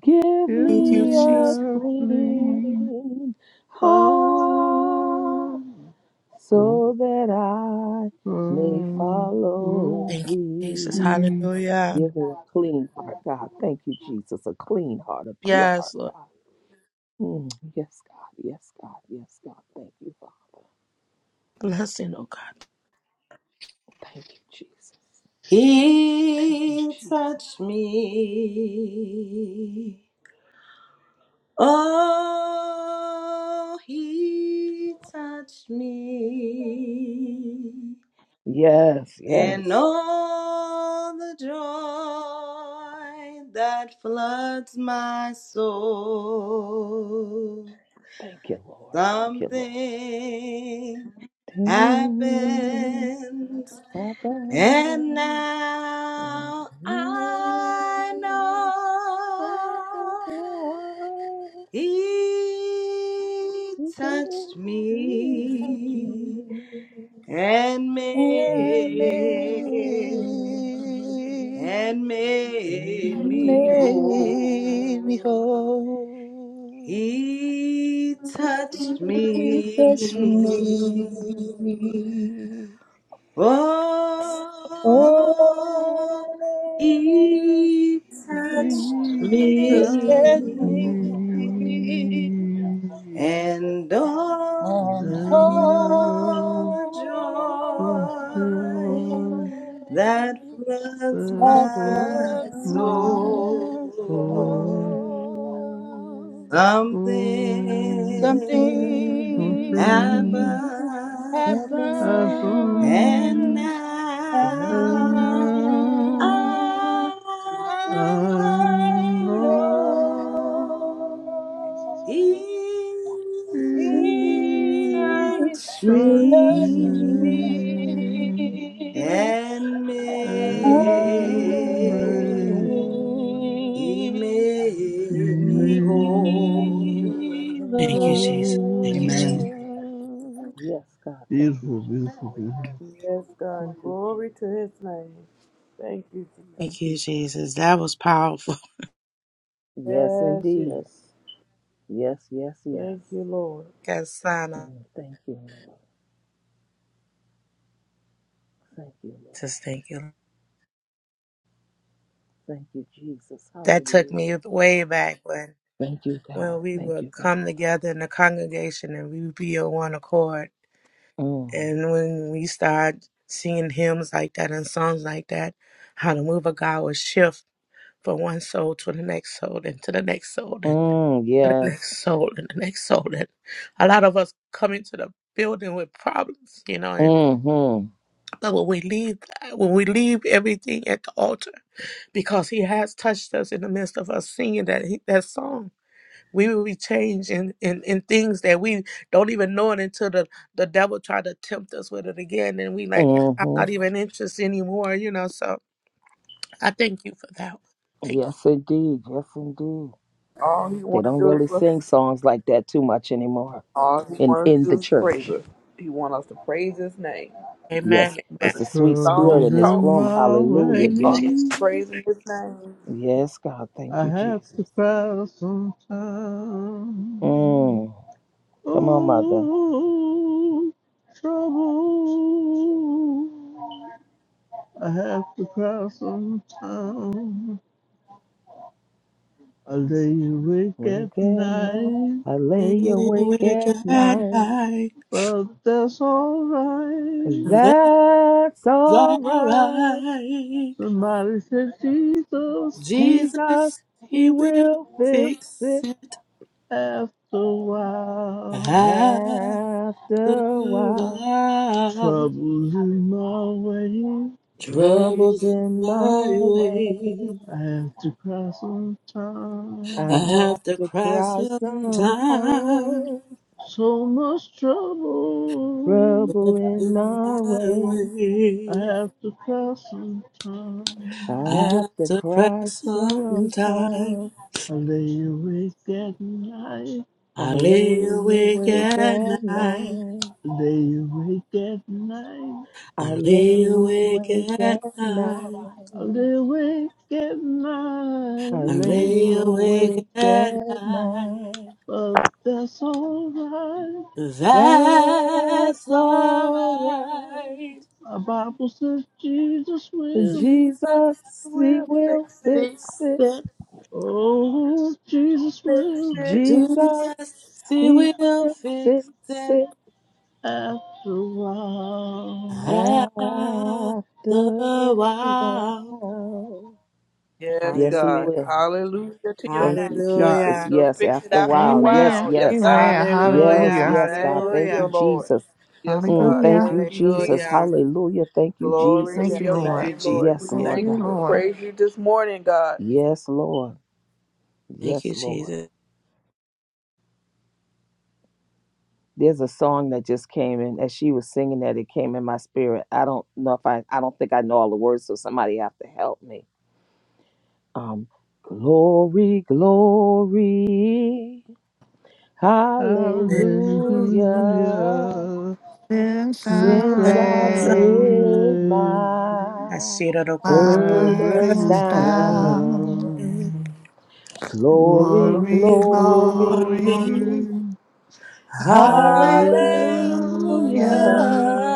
Speaker 7: Give
Speaker 3: give
Speaker 8: Thank you,
Speaker 7: me
Speaker 3: me
Speaker 8: Jesus.
Speaker 7: a
Speaker 3: a plea.
Speaker 7: clean heart
Speaker 3: Oh, oh,
Speaker 7: so that I may
Speaker 3: oh,
Speaker 7: follow
Speaker 8: Thank you, Jesus.
Speaker 7: thee.
Speaker 8: Hallelujah.
Speaker 3: Lord.
Speaker 7: Give her a clean heart, God. Thank you, Jesus. A clean heart, a pure
Speaker 8: Yes,
Speaker 7: heart,
Speaker 8: Lord.
Speaker 7: God. Mm, yes, God. Yes, God. Yes, God. Thank you, Father.
Speaker 8: Blessing, oh God.
Speaker 7: Thank you, Jesus. Thank you,
Speaker 6: He
Speaker 7: Jesus.
Speaker 6: touched me. Oh, he touched me.
Speaker 7: Yes,
Speaker 6: And
Speaker 7: yes.
Speaker 6: all the joy that floods my soul.
Speaker 7: Thank you, Lord. Thank you, Lord.
Speaker 6: Something
Speaker 7: Dear
Speaker 6: happened
Speaker 7: Papa,
Speaker 6: And
Speaker 7: and
Speaker 6: now I
Speaker 7: you
Speaker 6: know
Speaker 7: are
Speaker 6: He
Speaker 7: You give it
Speaker 6: touched
Speaker 7: to
Speaker 6: me
Speaker 7: me.
Speaker 6: and
Speaker 7: And
Speaker 4: And
Speaker 6: made and made me
Speaker 4: made, me
Speaker 6: whole.
Speaker 4: whole.
Speaker 6: He touched me
Speaker 4: He touched me.
Speaker 6: Oh,
Speaker 4: Oh,
Speaker 6: he
Speaker 4: he
Speaker 6: touched
Speaker 3: and now
Speaker 4: touched
Speaker 6: me,
Speaker 4: me.
Speaker 6: and all
Speaker 4: and hold
Speaker 6: the
Speaker 4: on the
Speaker 6: joy
Speaker 7: you.
Speaker 6: that floods
Speaker 4: light that
Speaker 7: It
Speaker 4: love
Speaker 6: my
Speaker 7: was my
Speaker 4: my
Speaker 6: soul.
Speaker 7: soul.
Speaker 4: soul.
Speaker 6: Something
Speaker 7: Something
Speaker 4: Something
Speaker 6: happens, and
Speaker 7: happened,
Speaker 4: happened and
Speaker 7: and
Speaker 6: now.
Speaker 7: now
Speaker 4: I
Speaker 6: I
Speaker 7: I
Speaker 3: I
Speaker 6: know
Speaker 7: know
Speaker 4: I
Speaker 3: know
Speaker 4: know
Speaker 6: He's
Speaker 4: Please
Speaker 3: Jesus
Speaker 7: it
Speaker 3: me
Speaker 7: is such me
Speaker 4: search
Speaker 6: unsweet
Speaker 4: me
Speaker 6: and
Speaker 7: and
Speaker 4: and
Speaker 3: and
Speaker 6: made, He made me
Speaker 3: make
Speaker 4: make
Speaker 3: me
Speaker 7: it made
Speaker 6: whole.
Speaker 4: me
Speaker 7: me
Speaker 8: Thank you, Jesus. Thank you,
Speaker 6: Amen.
Speaker 3: whole.
Speaker 8: Jesus.
Speaker 4: love
Speaker 7: Yes, God. Thank you,
Speaker 3: Beautiful, beautiful,
Speaker 7: Jesus.
Speaker 3: beautiful.
Speaker 2: Yes, God.
Speaker 7: Thank you,
Speaker 2: Glory to
Speaker 7: Jesus.
Speaker 2: his name. Thank you, Jesus.
Speaker 7: Thank
Speaker 8: Thank you,
Speaker 7: you, God.
Speaker 8: Jesus. That was powerful.
Speaker 7: Yes,
Speaker 2: Yes,
Speaker 7: indeed.
Speaker 2: yes.
Speaker 7: Yes, yes, yes.
Speaker 2: Thank you, Lord.
Speaker 8: Yes, Sana.
Speaker 7: Mm, Thank you, Lord. Thank you, Lord.
Speaker 8: Just thank you.
Speaker 7: Thank you, Jesus.
Speaker 8: That took me
Speaker 7: Hallelujah.
Speaker 8: way back when
Speaker 7: Thank you,
Speaker 8: when
Speaker 7: God.
Speaker 8: we
Speaker 7: Thank
Speaker 8: would
Speaker 7: you, God.
Speaker 8: come together in the congregation and we would be on one accord.
Speaker 7: Mm.
Speaker 8: And when we start singing hymns like that and songs like that, how the move of God would shift from one soul to the next soul and to the next soul.
Speaker 7: Mm,
Speaker 8: and the
Speaker 7: yes.
Speaker 8: next soul and the next soul. And a lot of us come into the building with problems, you know, and
Speaker 7: Mm-hmm.
Speaker 8: but when we leave when we leave everything at the altar because he has touched us in the midst of us singing that he, that song. We will be changed in, in, in things that we don't even know it until the, the devil tried to tempt us with it again. And we like, I'm not
Speaker 7: Mm-hmm.
Speaker 8: even interested anymore, you know. So I thank you for that one. Thank
Speaker 7: Yes, indeed. Yes, indeed.
Speaker 2: All he
Speaker 7: They
Speaker 2: want to
Speaker 7: don't
Speaker 2: do
Speaker 7: really
Speaker 2: is
Speaker 7: sing songs like that too much anymore
Speaker 2: all he
Speaker 7: in
Speaker 2: want to
Speaker 7: in
Speaker 2: do
Speaker 7: the
Speaker 2: is praise
Speaker 7: church.
Speaker 2: us. He want us to praise his name.
Speaker 8: you.
Speaker 7: Yes,
Speaker 8: Amen. Amen.
Speaker 7: it's
Speaker 2: Brother,
Speaker 7: the sweet spirit
Speaker 2: songs
Speaker 7: in
Speaker 3: Troubled
Speaker 7: this
Speaker 2: talk,
Speaker 3: in
Speaker 7: room.
Speaker 3: my
Speaker 7: Hallelujah.
Speaker 8: Thank
Speaker 3: way,
Speaker 8: you,
Speaker 2: all he
Speaker 7: Yes.
Speaker 8: Jesus.
Speaker 2: praising his name.
Speaker 7: Yes, God. Thank
Speaker 3: I
Speaker 7: you,
Speaker 3: have to
Speaker 7: Jesus.
Speaker 3: cry sometimes.
Speaker 7: Mm. Come on, mother.
Speaker 3: Oh, trouble. I have to cross some town. I lay awake at
Speaker 7: Wake at night.
Speaker 3: night,
Speaker 7: I lay awake
Speaker 8: Awake
Speaker 7: at
Speaker 8: at
Speaker 7: night.
Speaker 8: night.
Speaker 3: but that's alright.
Speaker 8: That's
Speaker 7: That's all right.
Speaker 8: alright.
Speaker 3: Somebody said Jesus
Speaker 8: Jesus,
Speaker 7: Jesus,
Speaker 8: He
Speaker 7: He
Speaker 8: will
Speaker 7: will fix
Speaker 8: fix
Speaker 7: it
Speaker 8: it
Speaker 3: after a while.
Speaker 8: after
Speaker 7: after a
Speaker 8: a
Speaker 7: while.
Speaker 8: while.
Speaker 3: Troubles in my way,
Speaker 7: Troubles
Speaker 8: Troubles in
Speaker 7: in
Speaker 8: my
Speaker 7: my way.
Speaker 8: way.
Speaker 3: I have to cross some town.
Speaker 8: I
Speaker 7: I have
Speaker 8: have to
Speaker 7: to
Speaker 8: cry
Speaker 7: cry
Speaker 8: sometimes.
Speaker 7: sometimes.
Speaker 3: So much trouble,
Speaker 7: Trouble
Speaker 8: Troubles
Speaker 7: in
Speaker 8: in
Speaker 7: my
Speaker 8: my
Speaker 7: way.
Speaker 3: I
Speaker 8: way.
Speaker 3: have to cross some
Speaker 8: I
Speaker 7: I
Speaker 3: town.
Speaker 7: have
Speaker 8: have
Speaker 7: to
Speaker 8: to cry
Speaker 7: cry
Speaker 8: sometimes.
Speaker 7: sometimes.
Speaker 3: I lay awake at night.
Speaker 7: I
Speaker 8: I lay
Speaker 7: lay
Speaker 8: awake
Speaker 7: awake
Speaker 8: at
Speaker 7: at
Speaker 8: night.
Speaker 7: night.
Speaker 3: They wake at night.
Speaker 7: I
Speaker 8: I lay
Speaker 7: lay
Speaker 8: awake
Speaker 7: awake
Speaker 8: at
Speaker 7: at
Speaker 8: night.
Speaker 3: Oh,
Speaker 7: night.
Speaker 3: they wake at
Speaker 7: I
Speaker 8: I
Speaker 3: night.
Speaker 8: lay
Speaker 7: lay
Speaker 8: awake
Speaker 7: awake
Speaker 8: at
Speaker 7: at
Speaker 8: night.
Speaker 7: night.
Speaker 3: But that's all right.
Speaker 8: That's
Speaker 7: That's all
Speaker 8: alright.
Speaker 7: right.
Speaker 3: My Bible says Jesus will.
Speaker 8: Jesus
Speaker 7: Jesus, He
Speaker 2: We'll
Speaker 8: will
Speaker 7: will
Speaker 2: fix it.
Speaker 7: fix
Speaker 8: fix
Speaker 7: it.
Speaker 8: it.
Speaker 3: Oh, Jesus
Speaker 2: Fix
Speaker 3: will
Speaker 2: it.
Speaker 7: Jesus,
Speaker 8: Jesus, he
Speaker 7: He
Speaker 8: will
Speaker 7: will
Speaker 8: fix
Speaker 7: fix
Speaker 8: it.
Speaker 7: it
Speaker 3: after a while.
Speaker 7: after
Speaker 8: Ah, the
Speaker 7: a
Speaker 8: wow.
Speaker 7: while.
Speaker 2: Yes,
Speaker 7: Yes, He
Speaker 8: Hallelujah.
Speaker 2: God.
Speaker 7: will.
Speaker 2: Hallelujah to your
Speaker 7: Thank
Speaker 2: name,
Speaker 7: you,
Speaker 2: God.
Speaker 7: Jesus.
Speaker 8: Hallelujah.
Speaker 2: You'll
Speaker 7: Yes,
Speaker 2: fix it
Speaker 7: after a
Speaker 2: after a
Speaker 7: while. Yes,
Speaker 5: Amen.
Speaker 2: while. Yes,
Speaker 7: yes.
Speaker 5: Amen.
Speaker 2: God.
Speaker 7: Yes,
Speaker 8: Hallelujah.
Speaker 5: Hallelujah.
Speaker 7: yes, God.
Speaker 2: Thank
Speaker 7: Thank
Speaker 2: you,
Speaker 7: you,
Speaker 8: Hallelujah.
Speaker 2: Lord.
Speaker 7: Jesus.
Speaker 2: Yes,
Speaker 7: Mm,
Speaker 2: God.
Speaker 7: thank
Speaker 5: Hallelujah.
Speaker 7: you,
Speaker 2: Thank you, Jesus.
Speaker 7: Jesus.
Speaker 8: Hallelujah.
Speaker 7: Hallelujah. Thank you,
Speaker 2: Glory to
Speaker 5: Thank
Speaker 8: Hallelujah.
Speaker 7: Jesus.
Speaker 5: you,
Speaker 2: your
Speaker 8: Thank
Speaker 5: Lord.
Speaker 8: you,
Speaker 2: name, Lord.
Speaker 7: Yes,
Speaker 2: We
Speaker 8: Jesus.
Speaker 5: Thank
Speaker 8: Yes,
Speaker 7: Lord
Speaker 2: thank
Speaker 5: you,
Speaker 2: you. We
Speaker 7: God.
Speaker 8: Lord.
Speaker 5: Lord.
Speaker 2: praise you this morning, God.
Speaker 7: Yes, Lord.
Speaker 8: Thank
Speaker 7: Yes,
Speaker 8: you,
Speaker 7: Lord.
Speaker 8: Jesus.
Speaker 7: There's a song that just came in as she was singing that it came in my spirit. I don't know if I I don't think I know all the words, so somebody have to help me. Um glory, glory. Hallelujah.
Speaker 3: Hallelujah.
Speaker 5: Since
Speaker 3: Since
Speaker 5: I
Speaker 8: I
Speaker 7: Since I've
Speaker 3: I
Speaker 5: lay
Speaker 7: laid
Speaker 3: raised
Speaker 7: my
Speaker 8: see Asiraroko.
Speaker 5: my
Speaker 3: my
Speaker 7: burdens
Speaker 5: burdens
Speaker 3: brother's
Speaker 5: down,
Speaker 7: down,
Speaker 3: sound.
Speaker 8: Hallelujah.
Speaker 7: glory,
Speaker 5: glory,
Speaker 2: Glory,
Speaker 3: Glory,
Speaker 7: glory,
Speaker 5: glory,
Speaker 2: glory.
Speaker 3: glory.
Speaker 2: Hallelujah.
Speaker 3: Hallelujah.
Speaker 5: hallelujah.
Speaker 7: hallelujah.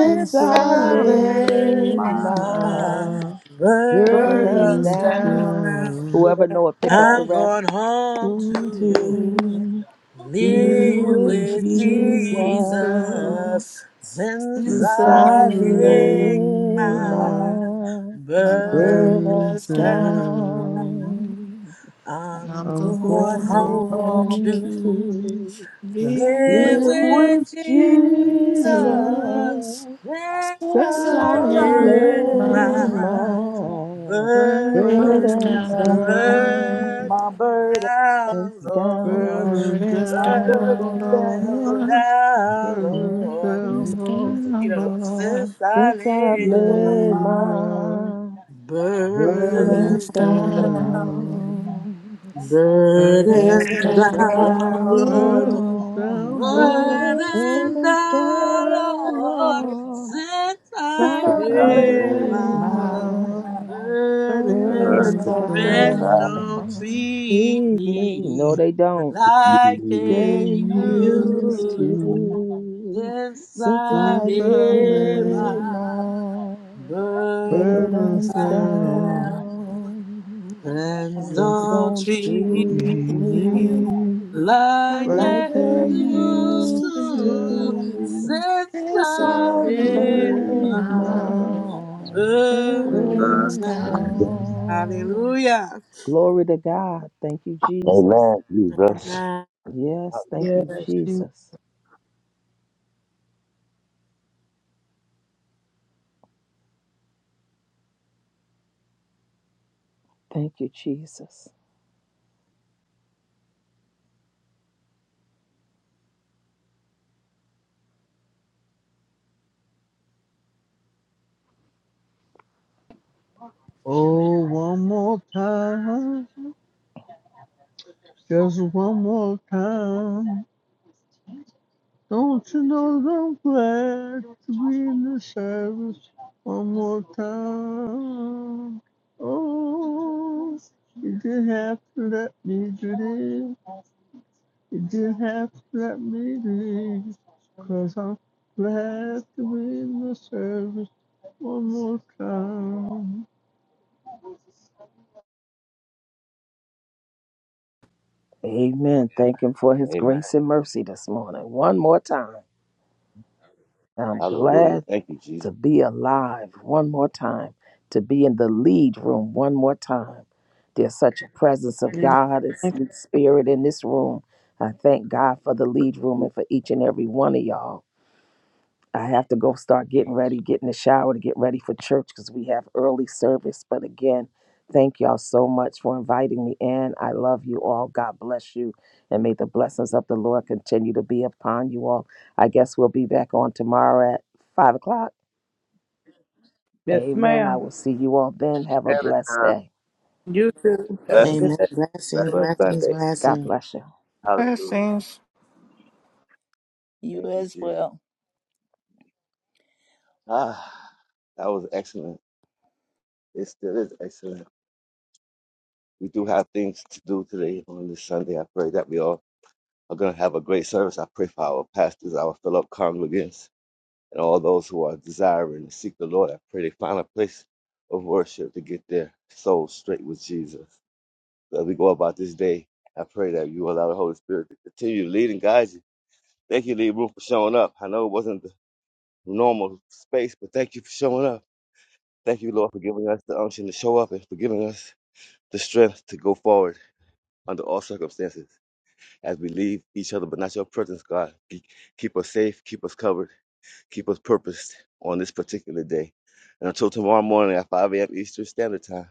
Speaker 3: The
Speaker 7: I
Speaker 5: I
Speaker 8: I
Speaker 2: Hallelujah.
Speaker 5: lay
Speaker 8: heard
Speaker 7: laid
Speaker 3: Sunday,
Speaker 2: My
Speaker 8: my
Speaker 5: my
Speaker 7: my
Speaker 3: my
Speaker 7: burdens
Speaker 2: burdens
Speaker 5: burdens
Speaker 3: first
Speaker 2: down,
Speaker 7: down,
Speaker 5: down,
Speaker 8: burden
Speaker 3: day.
Speaker 7: whoever
Speaker 2: burdens
Speaker 7: know it, pick up the
Speaker 2: down.
Speaker 8: I'm
Speaker 7: rest
Speaker 8: going home
Speaker 3: Oh,
Speaker 8: to
Speaker 7: to
Speaker 3: to live
Speaker 7: be
Speaker 5: you
Speaker 8: live
Speaker 7: with
Speaker 3: with
Speaker 5: with
Speaker 8: with
Speaker 7: Jesus.
Speaker 3: Jesus.
Speaker 8: Jesus
Speaker 5: Jesus.
Speaker 8: since
Speaker 3: The
Speaker 5: Since
Speaker 7: Since
Speaker 5: I
Speaker 8: I
Speaker 7: I've
Speaker 5: lay
Speaker 3: Sunday,
Speaker 8: laid
Speaker 7: laid
Speaker 3: my
Speaker 8: my
Speaker 7: my
Speaker 1: God.
Speaker 5: my
Speaker 8: burden
Speaker 3: first
Speaker 5: burdens
Speaker 7: burdens
Speaker 8: down.
Speaker 3: day.
Speaker 5: down,
Speaker 7: down,
Speaker 5: I'm
Speaker 8: I'm
Speaker 3: I'm
Speaker 5: going
Speaker 8: going
Speaker 3: going
Speaker 5: home
Speaker 7: going
Speaker 8: home
Speaker 2: Oh,
Speaker 3: home
Speaker 8: to
Speaker 3: to
Speaker 5: to.
Speaker 7: home
Speaker 3: live
Speaker 7: to
Speaker 8: live
Speaker 5: This
Speaker 7: live
Speaker 2: live with
Speaker 7: with
Speaker 3: with
Speaker 8: with
Speaker 2: Jesus.
Speaker 7: Jesus.
Speaker 3: Jesus.
Speaker 8: love
Speaker 5: Jesus,
Speaker 8: that
Speaker 5: says
Speaker 7: Since
Speaker 5: I
Speaker 3: Yes, I
Speaker 7: I've
Speaker 5: lay
Speaker 8: I
Speaker 3: lay
Speaker 2: Hallelujah.
Speaker 7: laid
Speaker 5: my
Speaker 8: my
Speaker 3: my
Speaker 7: my
Speaker 5: burdens
Speaker 8: burden,
Speaker 3: burdens
Speaker 7: burdens
Speaker 2: Burdens,
Speaker 3: down,
Speaker 5: down,
Speaker 7: down,
Speaker 2: my
Speaker 8: burden
Speaker 2: burden,
Speaker 7: it's
Speaker 8: down,
Speaker 7: down
Speaker 8: Lord,
Speaker 7: low.
Speaker 3: burdens
Speaker 5: burdens
Speaker 2: my
Speaker 3: down
Speaker 2: burden
Speaker 5: down,
Speaker 3: for,
Speaker 8: burdens
Speaker 2: down.
Speaker 5: Lord,
Speaker 8: down,
Speaker 3: burdens
Speaker 8: Lord.
Speaker 5: burdens
Speaker 3: down for,
Speaker 5: down,
Speaker 8: since
Speaker 5: Lord,
Speaker 8: I
Speaker 7: Since I've
Speaker 8: laid
Speaker 2: Yeah,
Speaker 3: lay
Speaker 8: my
Speaker 7: laid
Speaker 2: my
Speaker 3: my
Speaker 7: my
Speaker 3: burdens
Speaker 5: burdens
Speaker 8: burdens
Speaker 7: burdens
Speaker 8: down.
Speaker 5: down,
Speaker 3: down,
Speaker 7: down.
Speaker 5: burdens
Speaker 8: Burdens
Speaker 2: You,
Speaker 7: Burdens
Speaker 8: down,
Speaker 5: down,
Speaker 7: down,
Speaker 8: Lord.
Speaker 5: Lord,
Speaker 3: burdens
Speaker 7: Lord.
Speaker 3: down for,
Speaker 5: burdens down,
Speaker 8: Burdens
Speaker 5: Lord,
Speaker 7: Burdens
Speaker 8: down,
Speaker 7: down,
Speaker 8: Lord.
Speaker 7: Lord.
Speaker 8: Since I
Speaker 3: lay
Speaker 5: my
Speaker 8: realized
Speaker 3: my
Speaker 7: Sovereign.
Speaker 8: burdens down.
Speaker 5: burdens
Speaker 3: burdens
Speaker 7: Burdens
Speaker 8: Friends
Speaker 5: down,
Speaker 7: down.
Speaker 3: down.
Speaker 8: don't treat
Speaker 7: Treat me. No,
Speaker 8: me
Speaker 7: they don't.
Speaker 8: like
Speaker 7: They
Speaker 3: They
Speaker 8: they used
Speaker 3: used
Speaker 7: used
Speaker 8: to.
Speaker 3: to,
Speaker 7: to.
Speaker 8: Since
Speaker 7: Since
Speaker 8: I
Speaker 7: I've
Speaker 3: since I
Speaker 8: realized
Speaker 3: lay
Speaker 7: laid my
Speaker 8: burdens
Speaker 3: burdens
Speaker 5: burdens
Speaker 7: burdens
Speaker 5: down.
Speaker 3: down.
Speaker 8: down.
Speaker 7: down.
Speaker 8: Friends
Speaker 7: Friends
Speaker 8: don't
Speaker 7: don't
Speaker 5: Yes,
Speaker 3: You
Speaker 5: I
Speaker 8: treat
Speaker 7: treat
Speaker 8: me.
Speaker 3: did
Speaker 7: me
Speaker 8: like
Speaker 3: right
Speaker 8: the
Speaker 7: like they
Speaker 3: thing you
Speaker 8: used
Speaker 7: used
Speaker 8: to
Speaker 7: to.
Speaker 3: should
Speaker 8: since
Speaker 7: So
Speaker 8: I
Speaker 3: stop
Speaker 7: I've
Speaker 5: lay
Speaker 8: laid
Speaker 3: raise
Speaker 7: laid
Speaker 8: my
Speaker 5: my
Speaker 3: now,
Speaker 7: my
Speaker 8: burdens
Speaker 5: burdens
Speaker 7: burdens
Speaker 8: down.
Speaker 5: down.
Speaker 7: down.
Speaker 8: Hallelujah.
Speaker 7: Glory to God. Thank you, Jesus.
Speaker 1: Amen. Jesus.
Speaker 8: Amen.
Speaker 7: Yes, thank
Speaker 2: yes,
Speaker 7: you,
Speaker 2: you,
Speaker 7: Jesus. Thank you, Jesus.
Speaker 3: Oh, one more time, just one more time. Don't you know that I'm glad to be in the service? One more time. Oh, you didn't have to let me do this. You didn't have to let me leave, cause I'm glad to be in the service one more time.
Speaker 7: Amen. Thank Him for His
Speaker 1: Amen.
Speaker 7: grace and mercy this morning. One more time. I'm
Speaker 1: Hallelujah.
Speaker 7: glad
Speaker 1: Thank you,
Speaker 7: to
Speaker 1: Jesus.
Speaker 7: be alive one more time, to be in the lead room one more time. There's such a presence of
Speaker 2: can.
Speaker 7: God and sweet spirit in this room. I thank God for the lead room and for each and every one of y'all. I have to go start getting ready, get in the shower to get ready for church because we have early service. But again, thank y'all so much for inviting me in. I love you all. God bless you. And may the blessings of the Lord continue to be upon you all. I guess we'll be back on tomorrow at five o'clock.
Speaker 2: yes,
Speaker 7: Amen. I
Speaker 2: ma'am.
Speaker 7: will see you all then. Have a blessed day.
Speaker 2: You too. Have
Speaker 1: Bless.
Speaker 2: a good
Speaker 8: Amen.
Speaker 7: Amen.
Speaker 2: day.
Speaker 1: Bless.
Speaker 8: Blessings,
Speaker 2: Bless
Speaker 8: blessings,
Speaker 2: Sunday.
Speaker 7: God
Speaker 8: blessings.
Speaker 7: bless you.
Speaker 1: Hallelujah.
Speaker 5: Blessings.
Speaker 4: you
Speaker 1: Thank you,
Speaker 4: as
Speaker 1: Jesus.
Speaker 4: well.
Speaker 1: Ah, that was excellent. It still is excellent. We do have things to do today on this Sunday. I pray that we all are going to have a great service. I pray for our pastors, our fellow congregants, and all those who are desiring to seek the Lord. I pray they find a place of worship to get their souls straight with Jesus. As we go about this day, I pray that you allow the Holy Spirit to continue to lead and guide you. Thank you, Lee Room, for showing up. I know it wasn't the normal space, but thank you for showing up. Thank you, Lord, for giving us the unction to show up and for giving us the strength to go forward under all circumstances as we leave each other, but not your presence, God. Ke- Keep us safe, keep us covered, keep us purposed on this particular day. And until tomorrow morning at 5 a.m. Eastern Standard Time,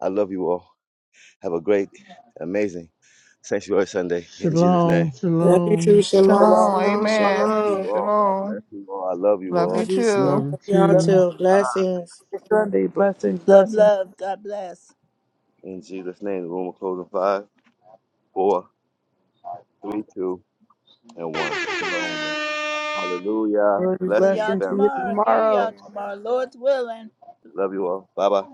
Speaker 1: I love you all. Have a great, amazing Sanctuary Sunday in Jesus'
Speaker 3: Shalom,
Speaker 1: name.
Speaker 8: Love you too.
Speaker 3: shalom,
Speaker 8: Shalom,
Speaker 2: Shalom.
Speaker 5: Shalom.
Speaker 8: shalom,
Speaker 2: Shalom.
Speaker 5: Amen.
Speaker 1: You
Speaker 8: shalom.
Speaker 1: all, God bless
Speaker 5: Shalom.
Speaker 1: you all. I love you
Speaker 5: Love you
Speaker 8: Love
Speaker 1: all.
Speaker 8: you, sir.
Speaker 3: love
Speaker 5: too.
Speaker 3: you
Speaker 8: Love y'all
Speaker 2: Love
Speaker 3: too.
Speaker 8: too.
Speaker 2: you.
Speaker 8: Blessings.
Speaker 2: Sunday. Blessings,
Speaker 4: Love,
Speaker 2: blessings,
Speaker 4: love. God bless.
Speaker 1: In Jesus' name, the room will close in five, four, three, two, and one. Hallelujah.
Speaker 2: glory,
Speaker 4: See
Speaker 1: Blessings,
Speaker 4: y'all
Speaker 2: blessings. See
Speaker 1: family.
Speaker 2: you
Speaker 4: tomorrow. Hear y'all
Speaker 2: tomorrow.
Speaker 4: tomorrow. Lord's willing.
Speaker 1: Love you all. Bye bye.